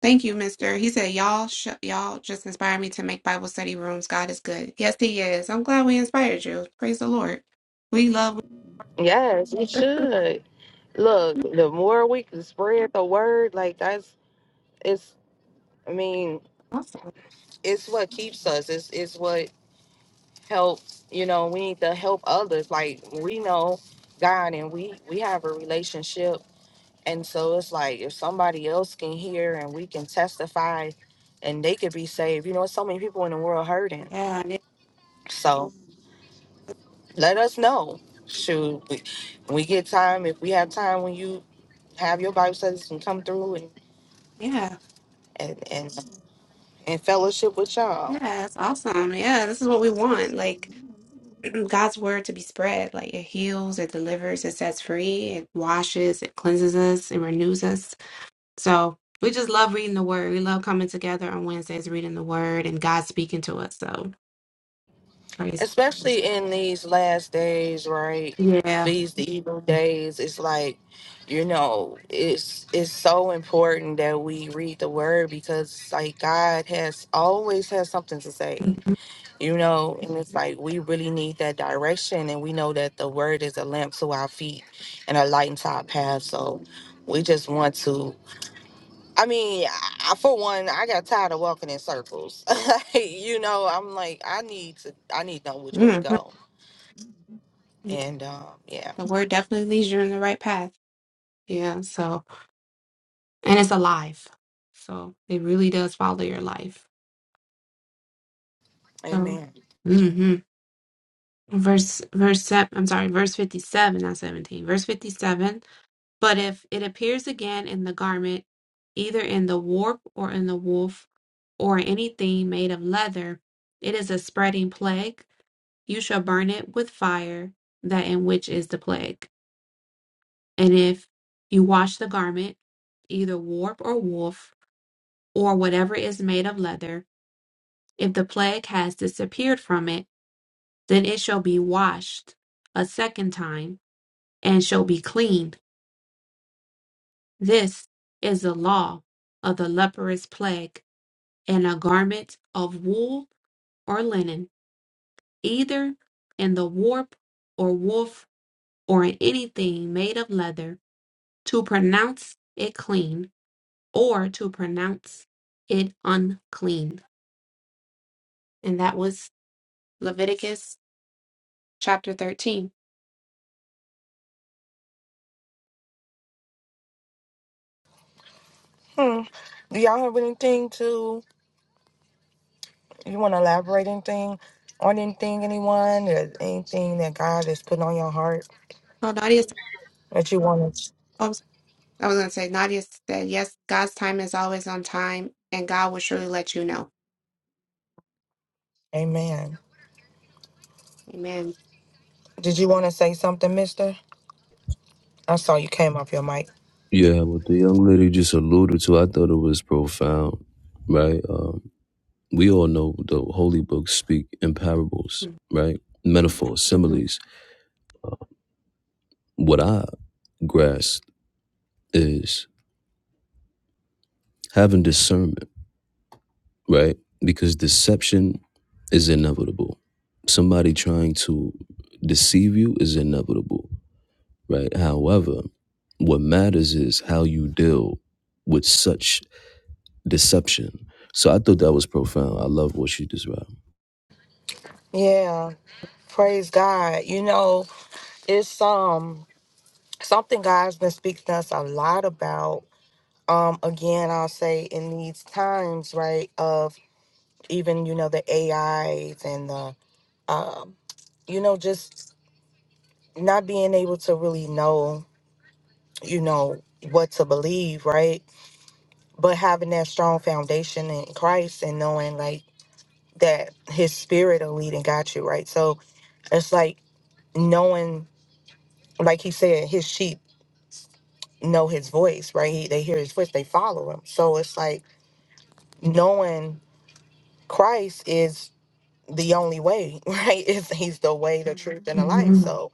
[SPEAKER 1] Thank you, Mister. He said, "Y'all, sh- y'all just inspired me to make Bible study rooms. God is good. Yes, He is. I'm glad we inspired you. Praise the Lord. We love.
[SPEAKER 2] Yes, you should. Look, the more we can spread the word, like that's it's I mean,
[SPEAKER 1] Awesome.
[SPEAKER 2] it's what keeps us. It's it's what helps. You know, we need to help others. Like we know God, and we we have a relationship, and so it's like if somebody else can hear and we can testify, and they could be saved. You know, so many people in the world hurting.
[SPEAKER 1] Yeah, yeah,
[SPEAKER 2] So let us know. Shoot, we, when we get time. If we have time, when you have your Bible studies, and come through and
[SPEAKER 1] yeah.
[SPEAKER 2] and and, and fellowship with y'all.
[SPEAKER 1] Yeah, That's awesome. Yeah, this is what we want. Like God's word to be spread. Like it heals, it delivers, it sets free, it washes, it cleanses us, it renews us. So we just love reading the word. We love coming together on Wednesdays, reading the word, and God speaking to us. So praise.
[SPEAKER 2] especially in these last days, right?
[SPEAKER 1] Yeah.
[SPEAKER 2] These the evil days, it's like, you know, it's it's so important that we read the word because like God has always has something to say, you know, and it's like we really need that direction and we know that the word is a lamp to our feet and a light into our path. So we just want to I mean, I, for one, I got tired of walking in circles. you know, I'm like, I need to, I need to know which way to
[SPEAKER 1] Mhm.
[SPEAKER 2] go and um, yeah,
[SPEAKER 1] The word definitely leads you in the right path. Yeah. So, and it's alive. So it really does follow your life. So,
[SPEAKER 2] amen.
[SPEAKER 1] hmm verse, verse seven, I'm sorry, verse 57, not 17, verse 57. But if it appears again in the garment, either in the warp or in the woof or anything made of leather, it is a spreading plague. You shall burn it with fire, that in which is the plague. And if you wash the garment, either warp or woof, or whatever is made of leather, if the plague has disappeared from it, then it shall be washed a second time, and shall be cleaned. This is the law of the leprous plague, and a garment of wool or linen, either in the warp or woof, or in anything made of leather, to pronounce it clean or to pronounce it unclean. And that was Leviticus chapter 13.
[SPEAKER 2] Hmm. Do y'all have anything to, you want to elaborate anything on anything, anyone, or anything that God is putting on your heart
[SPEAKER 1] Oh, Nadia, s-
[SPEAKER 2] that you want to?
[SPEAKER 1] oh, s- I was going to say, Nadia said, yes, God's time is always on time, and God will surely let you know.
[SPEAKER 2] Amen.
[SPEAKER 1] Amen.
[SPEAKER 2] Did you want to say something, mister? I saw you came off your mic.
[SPEAKER 6] Yeah, what the young lady just alluded to, I thought it was profound, right? Um, we all know the holy books speak in parables, right? Metaphors,
[SPEAKER 1] hmm
[SPEAKER 6] similes. What I grasped is having discernment. right? Because deception is inevitable. Somebody trying to deceive you is inevitable, right? However, what matters is how you deal with such deception. So I thought that was profound. I love what you described.
[SPEAKER 2] Yeah, praise God. You know, it's um something God's been speaking to us a lot about. Um, again, I'll say in these times, right, of even you know the AIs and the um, you know, just not being able to really know, you know, what to believe, right? But having that strong foundation in Christ and knowing like that his spirit will lead and guide you, right? So it's like knowing, like he said, his sheep know his voice, right? He, they hear his voice, they follow him. So it's like knowing Christ is the only way, right? Is he's the way, the truth, and the life.
[SPEAKER 1] Mhm.
[SPEAKER 2] So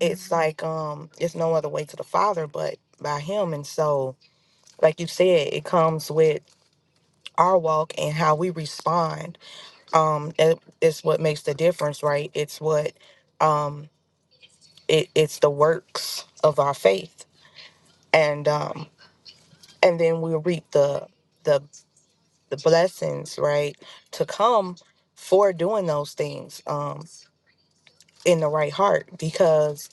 [SPEAKER 2] it's like um it's no other way to the father but by him and so like you said it comes with our walk and how we respond um that is what makes the difference right it's what um it, it's the works of our faith and um and then we reap the the the blessings right to come for doing those things um in the right heart because.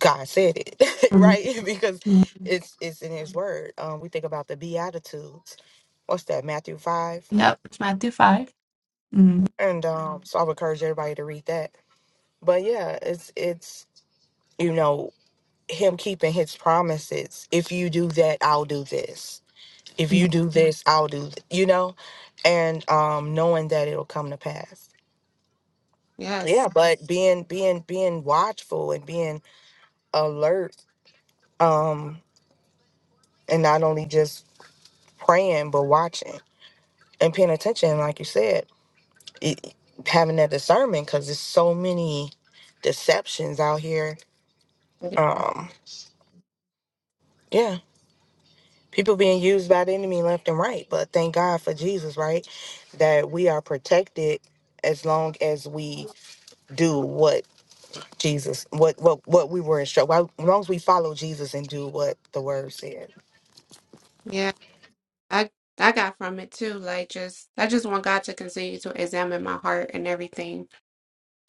[SPEAKER 2] God said it,
[SPEAKER 1] Mhm.
[SPEAKER 2] right? Because it's it's in His Word. Um, we think about the Beatitudes. What's that? Matthew five.
[SPEAKER 1] Yep, it's Matthew 5. Mm.
[SPEAKER 2] And um, so I would encourage everybody to read that. But yeah, it's it's you know Him keeping His promises. If you do that, I'll do this. If you do this, I'll do th- you know, and um, knowing that it'll come to pass.
[SPEAKER 1] Yes.
[SPEAKER 2] Yeah, but being being being watchful and being alert, um, and not only just praying but watching and paying attention, like you said, it, having that discernment because there's so many deceptions out here.
[SPEAKER 1] it is.
[SPEAKER 2] Um, yeah, people being used by the enemy left and right. But thank God for Jesus, right? That we are protected as long as we do what Jesus, what what what we were instructed. As long as we follow Jesus and do what the Word said.
[SPEAKER 1] Yeah, I, I got from it too. Like, just, I just want God to continue to examine my heart and everything.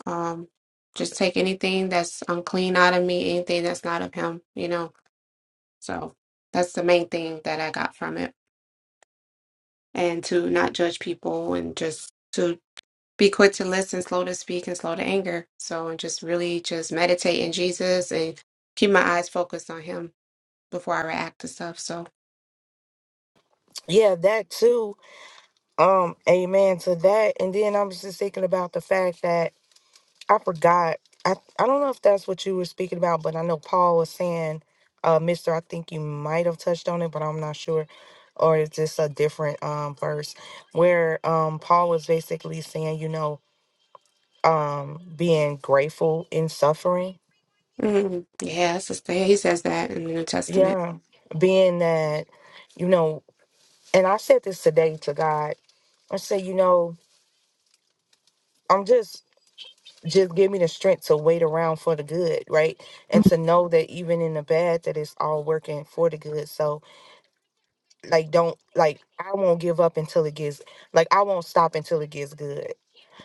[SPEAKER 1] Um, just take anything that's unclean out of me, anything that's not of him, you know. So that's the main thing that I got from it. And to not judge people and just to be quick to listen, slow to speak, and slow to anger. So and just really just meditate in Jesus and keep my eyes focused on him before I react to stuff. So
[SPEAKER 2] Yeah, that too. Um, amen to that. And then I was just thinking about the fact that I forgot. I, I don't know if that's what you were speaking about, but I know Paul was saying, uh, Mister, I think you might have touched on it, but I'm not sure. Or is this a different um verse where um Paul was basically saying, you know, um being grateful in suffering.
[SPEAKER 1] mm, yeah, it's just, he says that in the New Testament.
[SPEAKER 2] Yeah. Being that, you know, and I said this today to God. I said, you know, I'm just just give me the strength to wait around for the good, right? And to know that even in the bad, that it's all working for the good. So, like, don't, like, I won't give up until it gets, like, I won't stop until it gets good.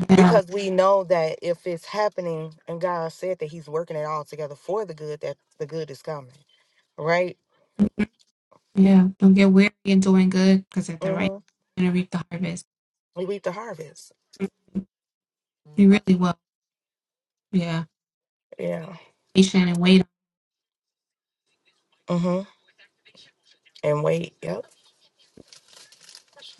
[SPEAKER 1] Yeah,
[SPEAKER 2] Because we know that if it's happening and God said that He's working it all together for the good, that the good is coming, right?
[SPEAKER 1] yeah. Don't get weary in doing good, because at the right
[SPEAKER 2] Mm-hmm.
[SPEAKER 1] time, you're gonna reap the harvest.
[SPEAKER 2] We reap the harvest.
[SPEAKER 1] You really will.
[SPEAKER 2] Yeah.
[SPEAKER 1] patient and wait
[SPEAKER 2] Mm-hmm. And wait. Yep.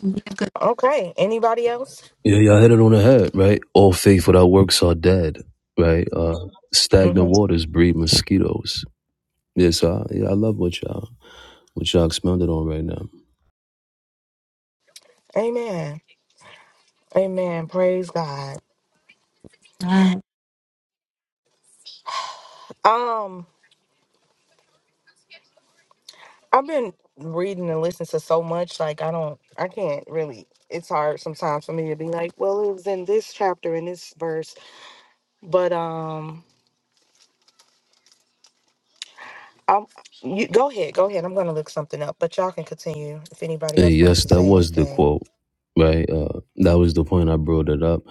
[SPEAKER 1] on him. Be a good
[SPEAKER 2] Okay. Anybody else?
[SPEAKER 6] Yeah, y'all hit it on the head, right? All faith without works are dead, right? Uh, stagnant
[SPEAKER 2] Mm-hmm.
[SPEAKER 6] waters breed mosquitoes. Yeah, so I, yeah, I love what y'all what y'all expounded on right now.
[SPEAKER 2] Amen. Amen. Praise God.
[SPEAKER 1] God.
[SPEAKER 2] Um, I've been reading and listening to so much, like I don't, I can't really. It's hard sometimes for me to be like, well, it was in this chapter in this verse, but um, I'm. You go ahead, go ahead. I'm gonna look something up, but y'all can continue if anybody
[SPEAKER 6] And
[SPEAKER 2] else wants
[SPEAKER 6] yes,
[SPEAKER 2] to
[SPEAKER 6] that
[SPEAKER 2] say
[SPEAKER 6] was the
[SPEAKER 2] anything.
[SPEAKER 6] quote, right? Uh, that was the point I brought it up.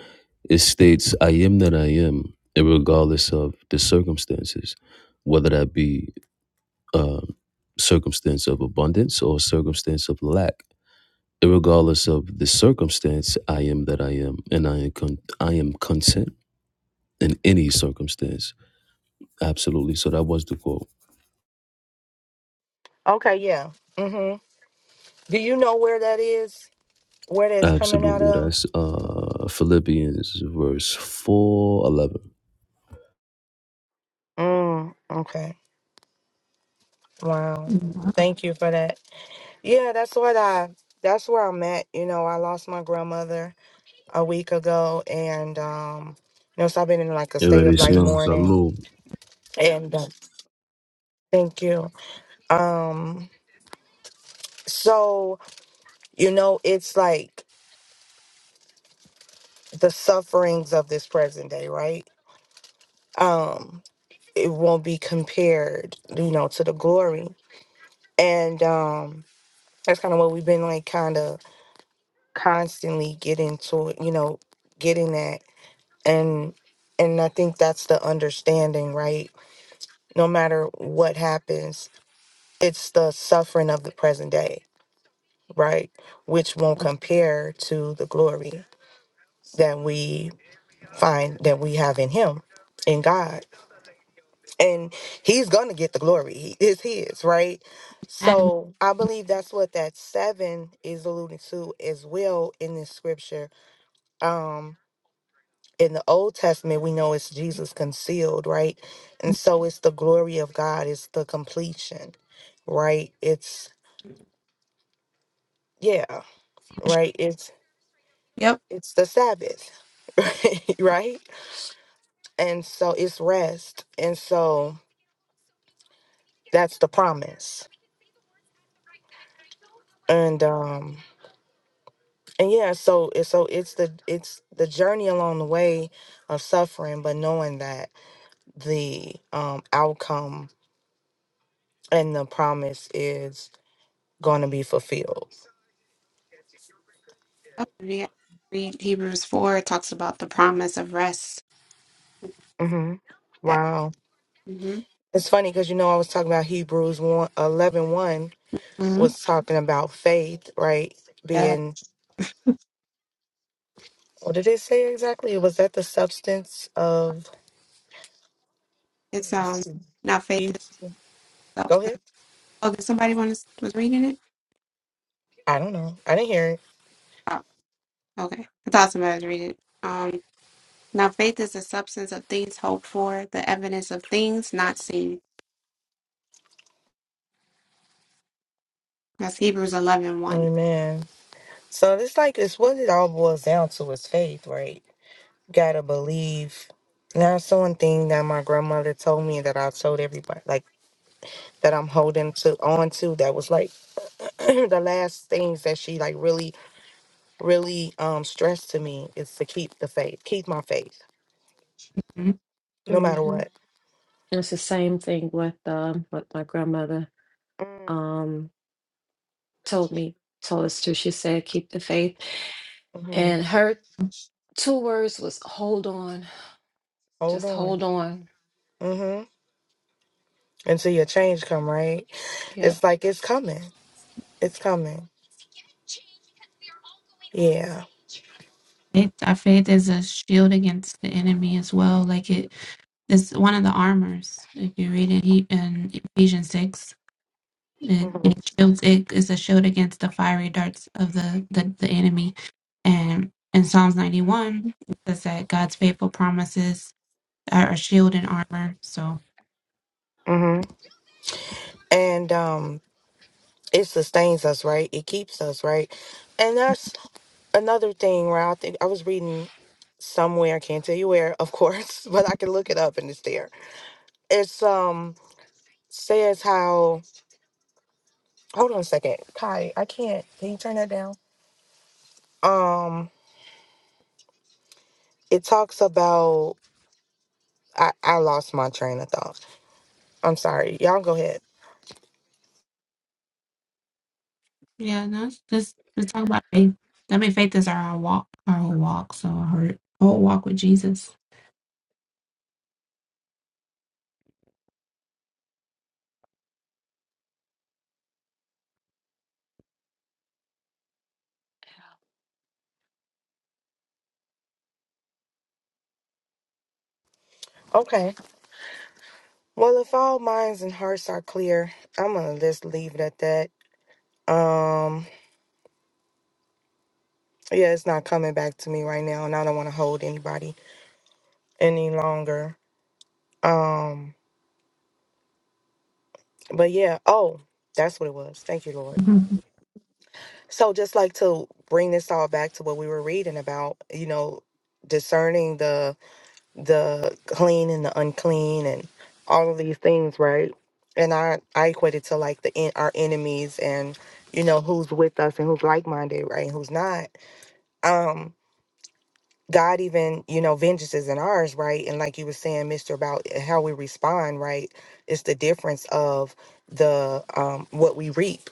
[SPEAKER 6] It states, I am that I am, regardless of the circumstances, whether that be uh, circumstance of abundance or circumstance of lack. And regardless of the circumstance, I am that I am, and I am, con- I am content in any circumstance. Absolutely. So that was the quote.
[SPEAKER 2] Okay, yeah. Mhm. Do you know where that is? Where that's coming out
[SPEAKER 6] Absolutely.
[SPEAKER 2] of?
[SPEAKER 6] That's uh, Philippians verse four, eleven.
[SPEAKER 2] Mm. Okay. Wow.
[SPEAKER 1] Wow.
[SPEAKER 2] Thank you for that. Yeah, that's what I. That's where I'm at. You know, I lost my grandmother a week ago, and um, you know, so I've been in like a
[SPEAKER 6] 11.
[SPEAKER 2] state of like mourning.
[SPEAKER 6] Salud.
[SPEAKER 2] And uh, thank you. Um, so you know, it's like the sufferings of this present day, right? Um, it won't be compared, you know, to the glory, and um, that's kind of what we've been like, kind of constantly getting to, you know, getting that, and and I think that's the understanding, right? No matter what happens it's the suffering of the present day, right? Which won't compare to the glory that we find that we have in Him, in God. And He's going to get the glory, He- it's His, right? So I believe that's what that seven is alluding to as well in this scripture. Um, in the Old Testament, we know it's Jesus concealed, right? And so it's the glory of God, it's the completion, right? It's, yeah, right? It's
[SPEAKER 1] Yep.
[SPEAKER 2] it's the Sabbath, right? Right? And so it's rest. And so that's the promise. And um and yeah, so and so it's the it's the journey along the way of suffering, but knowing that the um outcome and the promise is going to be fulfilled.
[SPEAKER 1] Yep. Yeah. Read Hebrews 4. It talks about the promise of rest.
[SPEAKER 2] hmm Wow.
[SPEAKER 1] Mm-hmm.
[SPEAKER 2] It's funny because you know I was talking about Hebrews 1, eleven
[SPEAKER 1] hmm
[SPEAKER 2] was talking about faith, right?
[SPEAKER 1] Yeah.
[SPEAKER 2] Being What did it say exactly? Was that the substance of? Let
[SPEAKER 1] It's
[SPEAKER 2] me
[SPEAKER 1] um
[SPEAKER 2] see.
[SPEAKER 1] not faith
[SPEAKER 2] He
[SPEAKER 1] is
[SPEAKER 2] go ahead.
[SPEAKER 1] substance. Oh, did somebody want to was reading it?
[SPEAKER 2] I don't know. I didn't hear it.
[SPEAKER 1] Oh, okay. I thought somebody was reading it. Um now faith is the substance of things hoped for, the evidence of things not seen. That's Hebrews eleven one.
[SPEAKER 2] Amen. So this like it's what it all boils down to is faith, right? gotta believe. And that's the one thing that my grandmother told me that I told everybody, like that I'm holding to on to. That was like the last things that she like really, really um stressed to me is to keep the faith, keep my faith,
[SPEAKER 1] Mhm.
[SPEAKER 2] no matter
[SPEAKER 7] hmm
[SPEAKER 2] what.
[SPEAKER 7] It's the same thing with um, what my grandmother um, told me, told us to. She said, "Keep the faith,"
[SPEAKER 2] Mm-hmm.
[SPEAKER 7] and her two words was "Hold on,
[SPEAKER 2] Hold
[SPEAKER 7] just
[SPEAKER 2] on.
[SPEAKER 7] hold on."
[SPEAKER 2] Mm-hmm. until your change come right
[SPEAKER 7] Yep.
[SPEAKER 2] it's like it's coming it's coming yeah
[SPEAKER 1] It, our faith is a shield against the enemy as well. Like it It's one of the armors. If you read it he, in Ephesians 6, it,
[SPEAKER 2] hmm
[SPEAKER 1] it shields it is a shield against the fiery darts of the, the, the enemy. And in Psalms 91, it says that God's faithful promises are a shield and armor. So,
[SPEAKER 2] hmm and um it sustains us right it keeps us right and that's another thing where i think i was reading somewhere i can't tell you where of course but i can look it up and it's there it's um says how hold on a second kai i can't can you turn that down um it talks about i i lost my train of thought i'm sorry y'all go ahead
[SPEAKER 1] yeah, no, it's just let's talk about faith. I mean, faith is our walk, our whole walk. So, our whole walk with Jesus.
[SPEAKER 2] okay Well, if all minds and hearts are clear, I'm gonna just leave it at that. Um, yeah, it's not coming back to me right now, and I don't want to hold anybody any longer. Um, but yeah, oh, that's what it was. Thank you, Lord.
[SPEAKER 1] Mhm.
[SPEAKER 2] So, just like to bring this all back to what we were reading about, you know, discerning the the clean and the unclean, and all of these things, right? And I I equate it to like the en- our enemies and you know who's with us and who's like minded, right? And who's not um god even you know vengeance isn't ours right and like you were saying mister about eh, how we respond right it's the difference of the um what we reap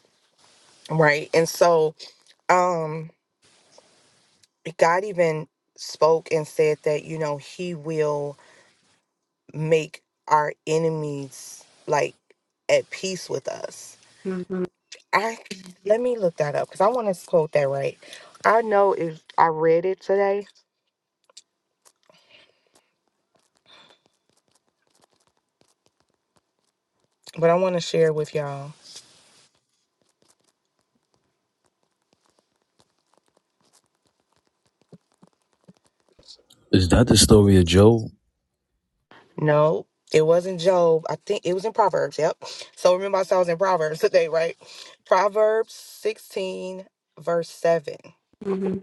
[SPEAKER 2] right and so um god even spoke and said that you know he will make our enemies like at peace with us
[SPEAKER 1] hmm
[SPEAKER 2] i let me look that up because i want to quote that right i know if i read it today but i want to share it with y'all
[SPEAKER 6] Is that the story of Job?
[SPEAKER 2] No, it wasn't Job. I think it was in Proverbs. Yep. So remember, I said I was in Proverbs today, right? Proverbs 16, verse 7.
[SPEAKER 1] hmm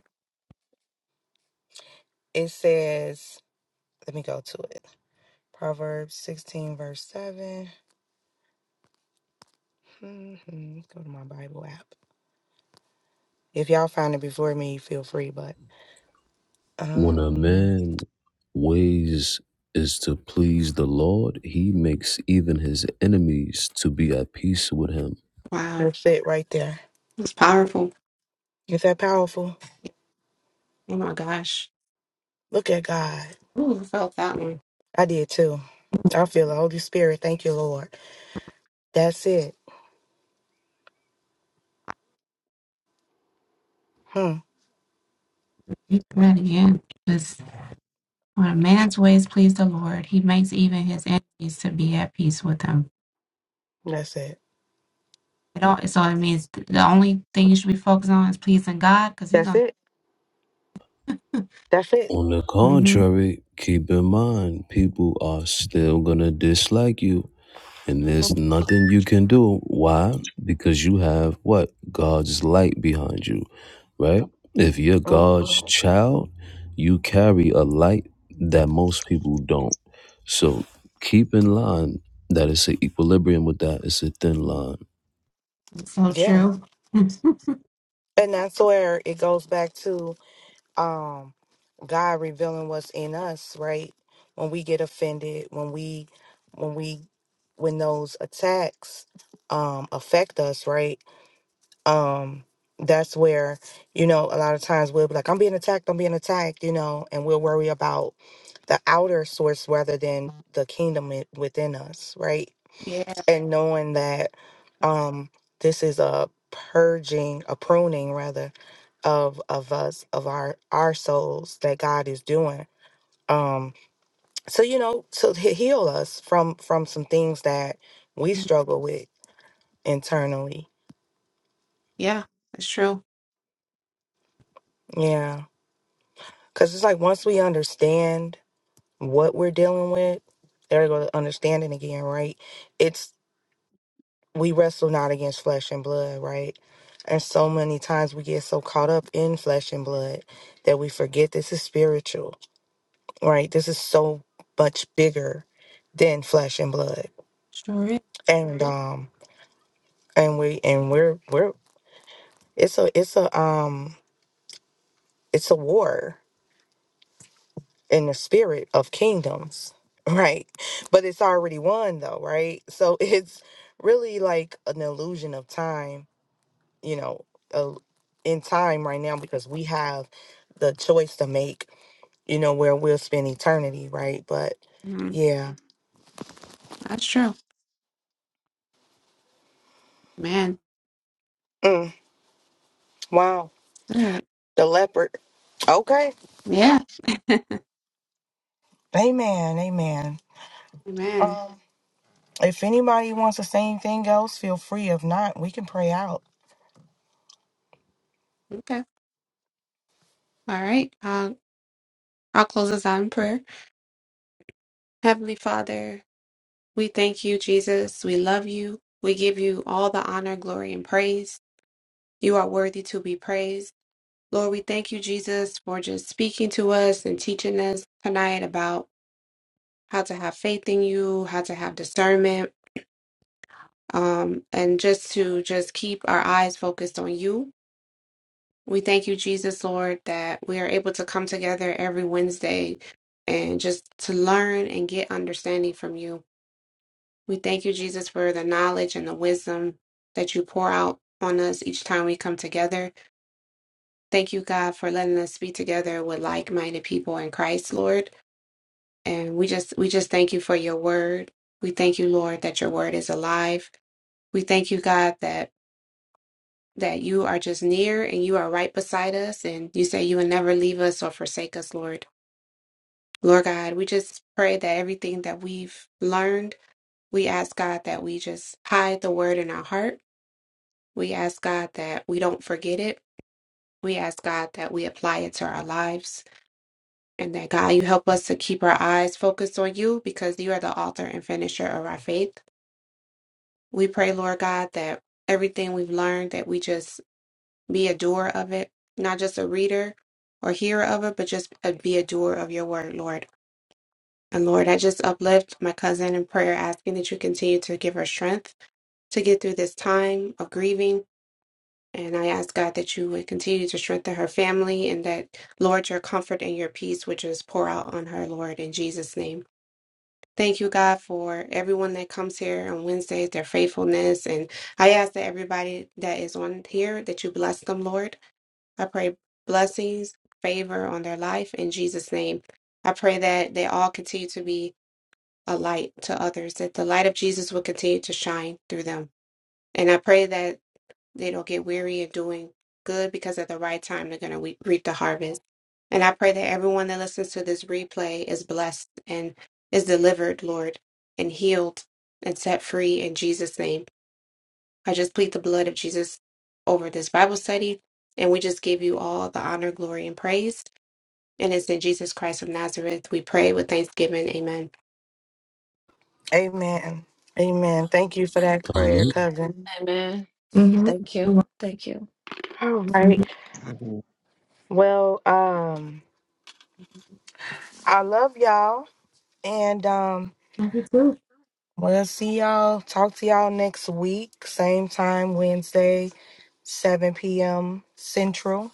[SPEAKER 2] It says, let me go to it. Proverbs 16, verse 7. Mhm. Let's go to my Bible app. If y'all find it before me, feel free, but
[SPEAKER 6] When a
[SPEAKER 2] um,
[SPEAKER 6] man ways is to please the Lord, he makes even his enemies to be at peace with him.
[SPEAKER 1] Wow,
[SPEAKER 2] that's it right there.
[SPEAKER 1] that's powerful.
[SPEAKER 2] Is that powerful?
[SPEAKER 1] Oh my gosh.
[SPEAKER 2] Look at God.
[SPEAKER 1] Ooh, I felt that one.
[SPEAKER 2] I did too. I feel the Holy Spirit. Thank you, Lord. That's it. Hmm.
[SPEAKER 1] Read that again. When a man's ways please the Lord, he makes even his enemies to be at peace with him.
[SPEAKER 2] That's it.
[SPEAKER 1] It all, so it means th- the only thing you should be focused on is pleasing God because he's
[SPEAKER 2] That's
[SPEAKER 1] going
[SPEAKER 2] it.
[SPEAKER 1] to.
[SPEAKER 2] That's it.
[SPEAKER 6] On the
[SPEAKER 1] hmm
[SPEAKER 6] contrary, keep in mind, people are still gonna dislike you. And there's nothing you can do. Why? Because you have what? God's light behind you, right? If you're
[SPEAKER 2] hmm
[SPEAKER 6] God's child, you carry a light that most people don't. So keep in line that it's an equilibrium with that. It's a thin line.
[SPEAKER 1] So
[SPEAKER 2] Yeah.
[SPEAKER 1] true.
[SPEAKER 2] And that's where it goes back to um God revealing what's in us, right? When we get offended, when we when we when those attacks um affect us, right? Um that's where, you know, a lot of times we'll be like, I'm being attacked, I'm being attacked, you know, and we'll worry about the outer source rather than the kingdom i- within us, right?
[SPEAKER 1] yeah.
[SPEAKER 2] and knowing that um this is a purging a pruning rather of of us of our our souls that god is doing um so you know so to heal us from from some things that we struggle with internally
[SPEAKER 1] Yeah. That's true.
[SPEAKER 2] yeah because it's like once we understand what we're dealing with there go the understanding again right we wrestle not against flesh and blood, right? And so many times we get so caught up in flesh and blood that we forget this is spiritual, right? This is so much bigger than flesh and blood.
[SPEAKER 1] Sure is.
[SPEAKER 2] And um and we and we're we're it's a it's a um it's a war in the spirit of kingdoms, right? But it's already won though, right? So it's really like an illusion of time you know, uh, in time right now because we have the choice to make, you know, where we'll spend eternity, right? But
[SPEAKER 1] Mhm.
[SPEAKER 2] yeah.
[SPEAKER 1] That's true. Man.
[SPEAKER 2] Mm, wow.
[SPEAKER 1] Good.
[SPEAKER 2] The leopard. Okay.
[SPEAKER 1] Yeah.
[SPEAKER 2] Amen. Amen.
[SPEAKER 1] Amen.
[SPEAKER 2] Um, if anybody wants to say anything else, feel free. If not, we can pray out.
[SPEAKER 1] Okay. All right. I'll, I'll close this out in prayer. Heavenly Father, we thank you, Jesus. We love you. We give you all the honor, glory, and praise. You are worthy to be praised. Lord, we thank you, Jesus, for just speaking to us and teaching us tonight about how to have faith in you, how to have discernment, um, and just to just keep our eyes focused on you. We thank you, Jesus, Lord, that we are able to come together every Wednesday and just to learn and get understanding from you. We thank you, Jesus, for the knowledge and the wisdom that you pour out on us each time we come together. Thank you, God, for letting us be together with like-minded people in Christ, Lord. And we just we just thank you for your word. We thank you, Lord, that your word is alive. We thank you, God, that that you are just near and you are right beside us and you say you will never leave us or forsake us, Lord. Lord God, we just pray that everything that we've learned, we ask God that we just hide the word in our heart. We ask God that we don't forget it. We ask God that we apply it to our lives. And that God, you help us to keep our eyes focused on you because you are the author and finisher of our faith. We pray, Lord God, that everything we've learned, that we just be a doer of it, not just a reader or hearer of it, but just a- be a doer of your word, Lord. And Lord, I just uplift my cousin in prayer, asking that you continue to give her strength to get through this time of grieving. And I ask God that you would continue to strengthen her family and that, Lord, your comfort and your peace would just pour out on her, Lord, in Jesus' name. Thank you, God, for everyone that comes here on Wednesdays, their faithfulness. And I ask that everybody that is on here that you bless them, Lord. I pray blessings, favor on their life in Jesus' name. I pray that they all continue to be a light to others, that the light of Jesus will continue to shine through them. And I pray that they don't get weary of doing good because at the right time they're going to reap the harvest. And I pray that everyone that listens to this replay is blessed and is delivered, Lord, and healed and set free in Jesus' name. I just plead the blood of Jesus over this Bible study, and we just give you all the honor, glory, and praise. And it's in Jesus Christ of Nazareth we pray with thanksgiving. Amen.
[SPEAKER 2] Amen. Amen. Thank you for that prayer, cousin.
[SPEAKER 7] Amen. Thank
[SPEAKER 1] Mm-hmm.
[SPEAKER 7] you. Thank you.
[SPEAKER 2] All right.
[SPEAKER 5] Mhm.
[SPEAKER 2] Well, um, I love y'all. And um
[SPEAKER 1] You too.
[SPEAKER 2] Well, see y'all. Talk to y'all next week. Same time, Wednesday, 7 p.m. Central.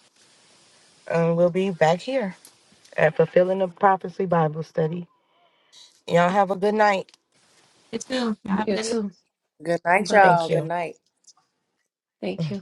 [SPEAKER 2] And we'll be back here at Fulfilling the Prophecy Bible Study. Y'all have a good night.
[SPEAKER 1] You too. Have a good
[SPEAKER 7] You
[SPEAKER 1] night.
[SPEAKER 7] too.
[SPEAKER 3] Good night,
[SPEAKER 7] Bye.
[SPEAKER 3] y'all.
[SPEAKER 2] Thank
[SPEAKER 3] Good
[SPEAKER 2] you.
[SPEAKER 3] night.
[SPEAKER 7] Thank you.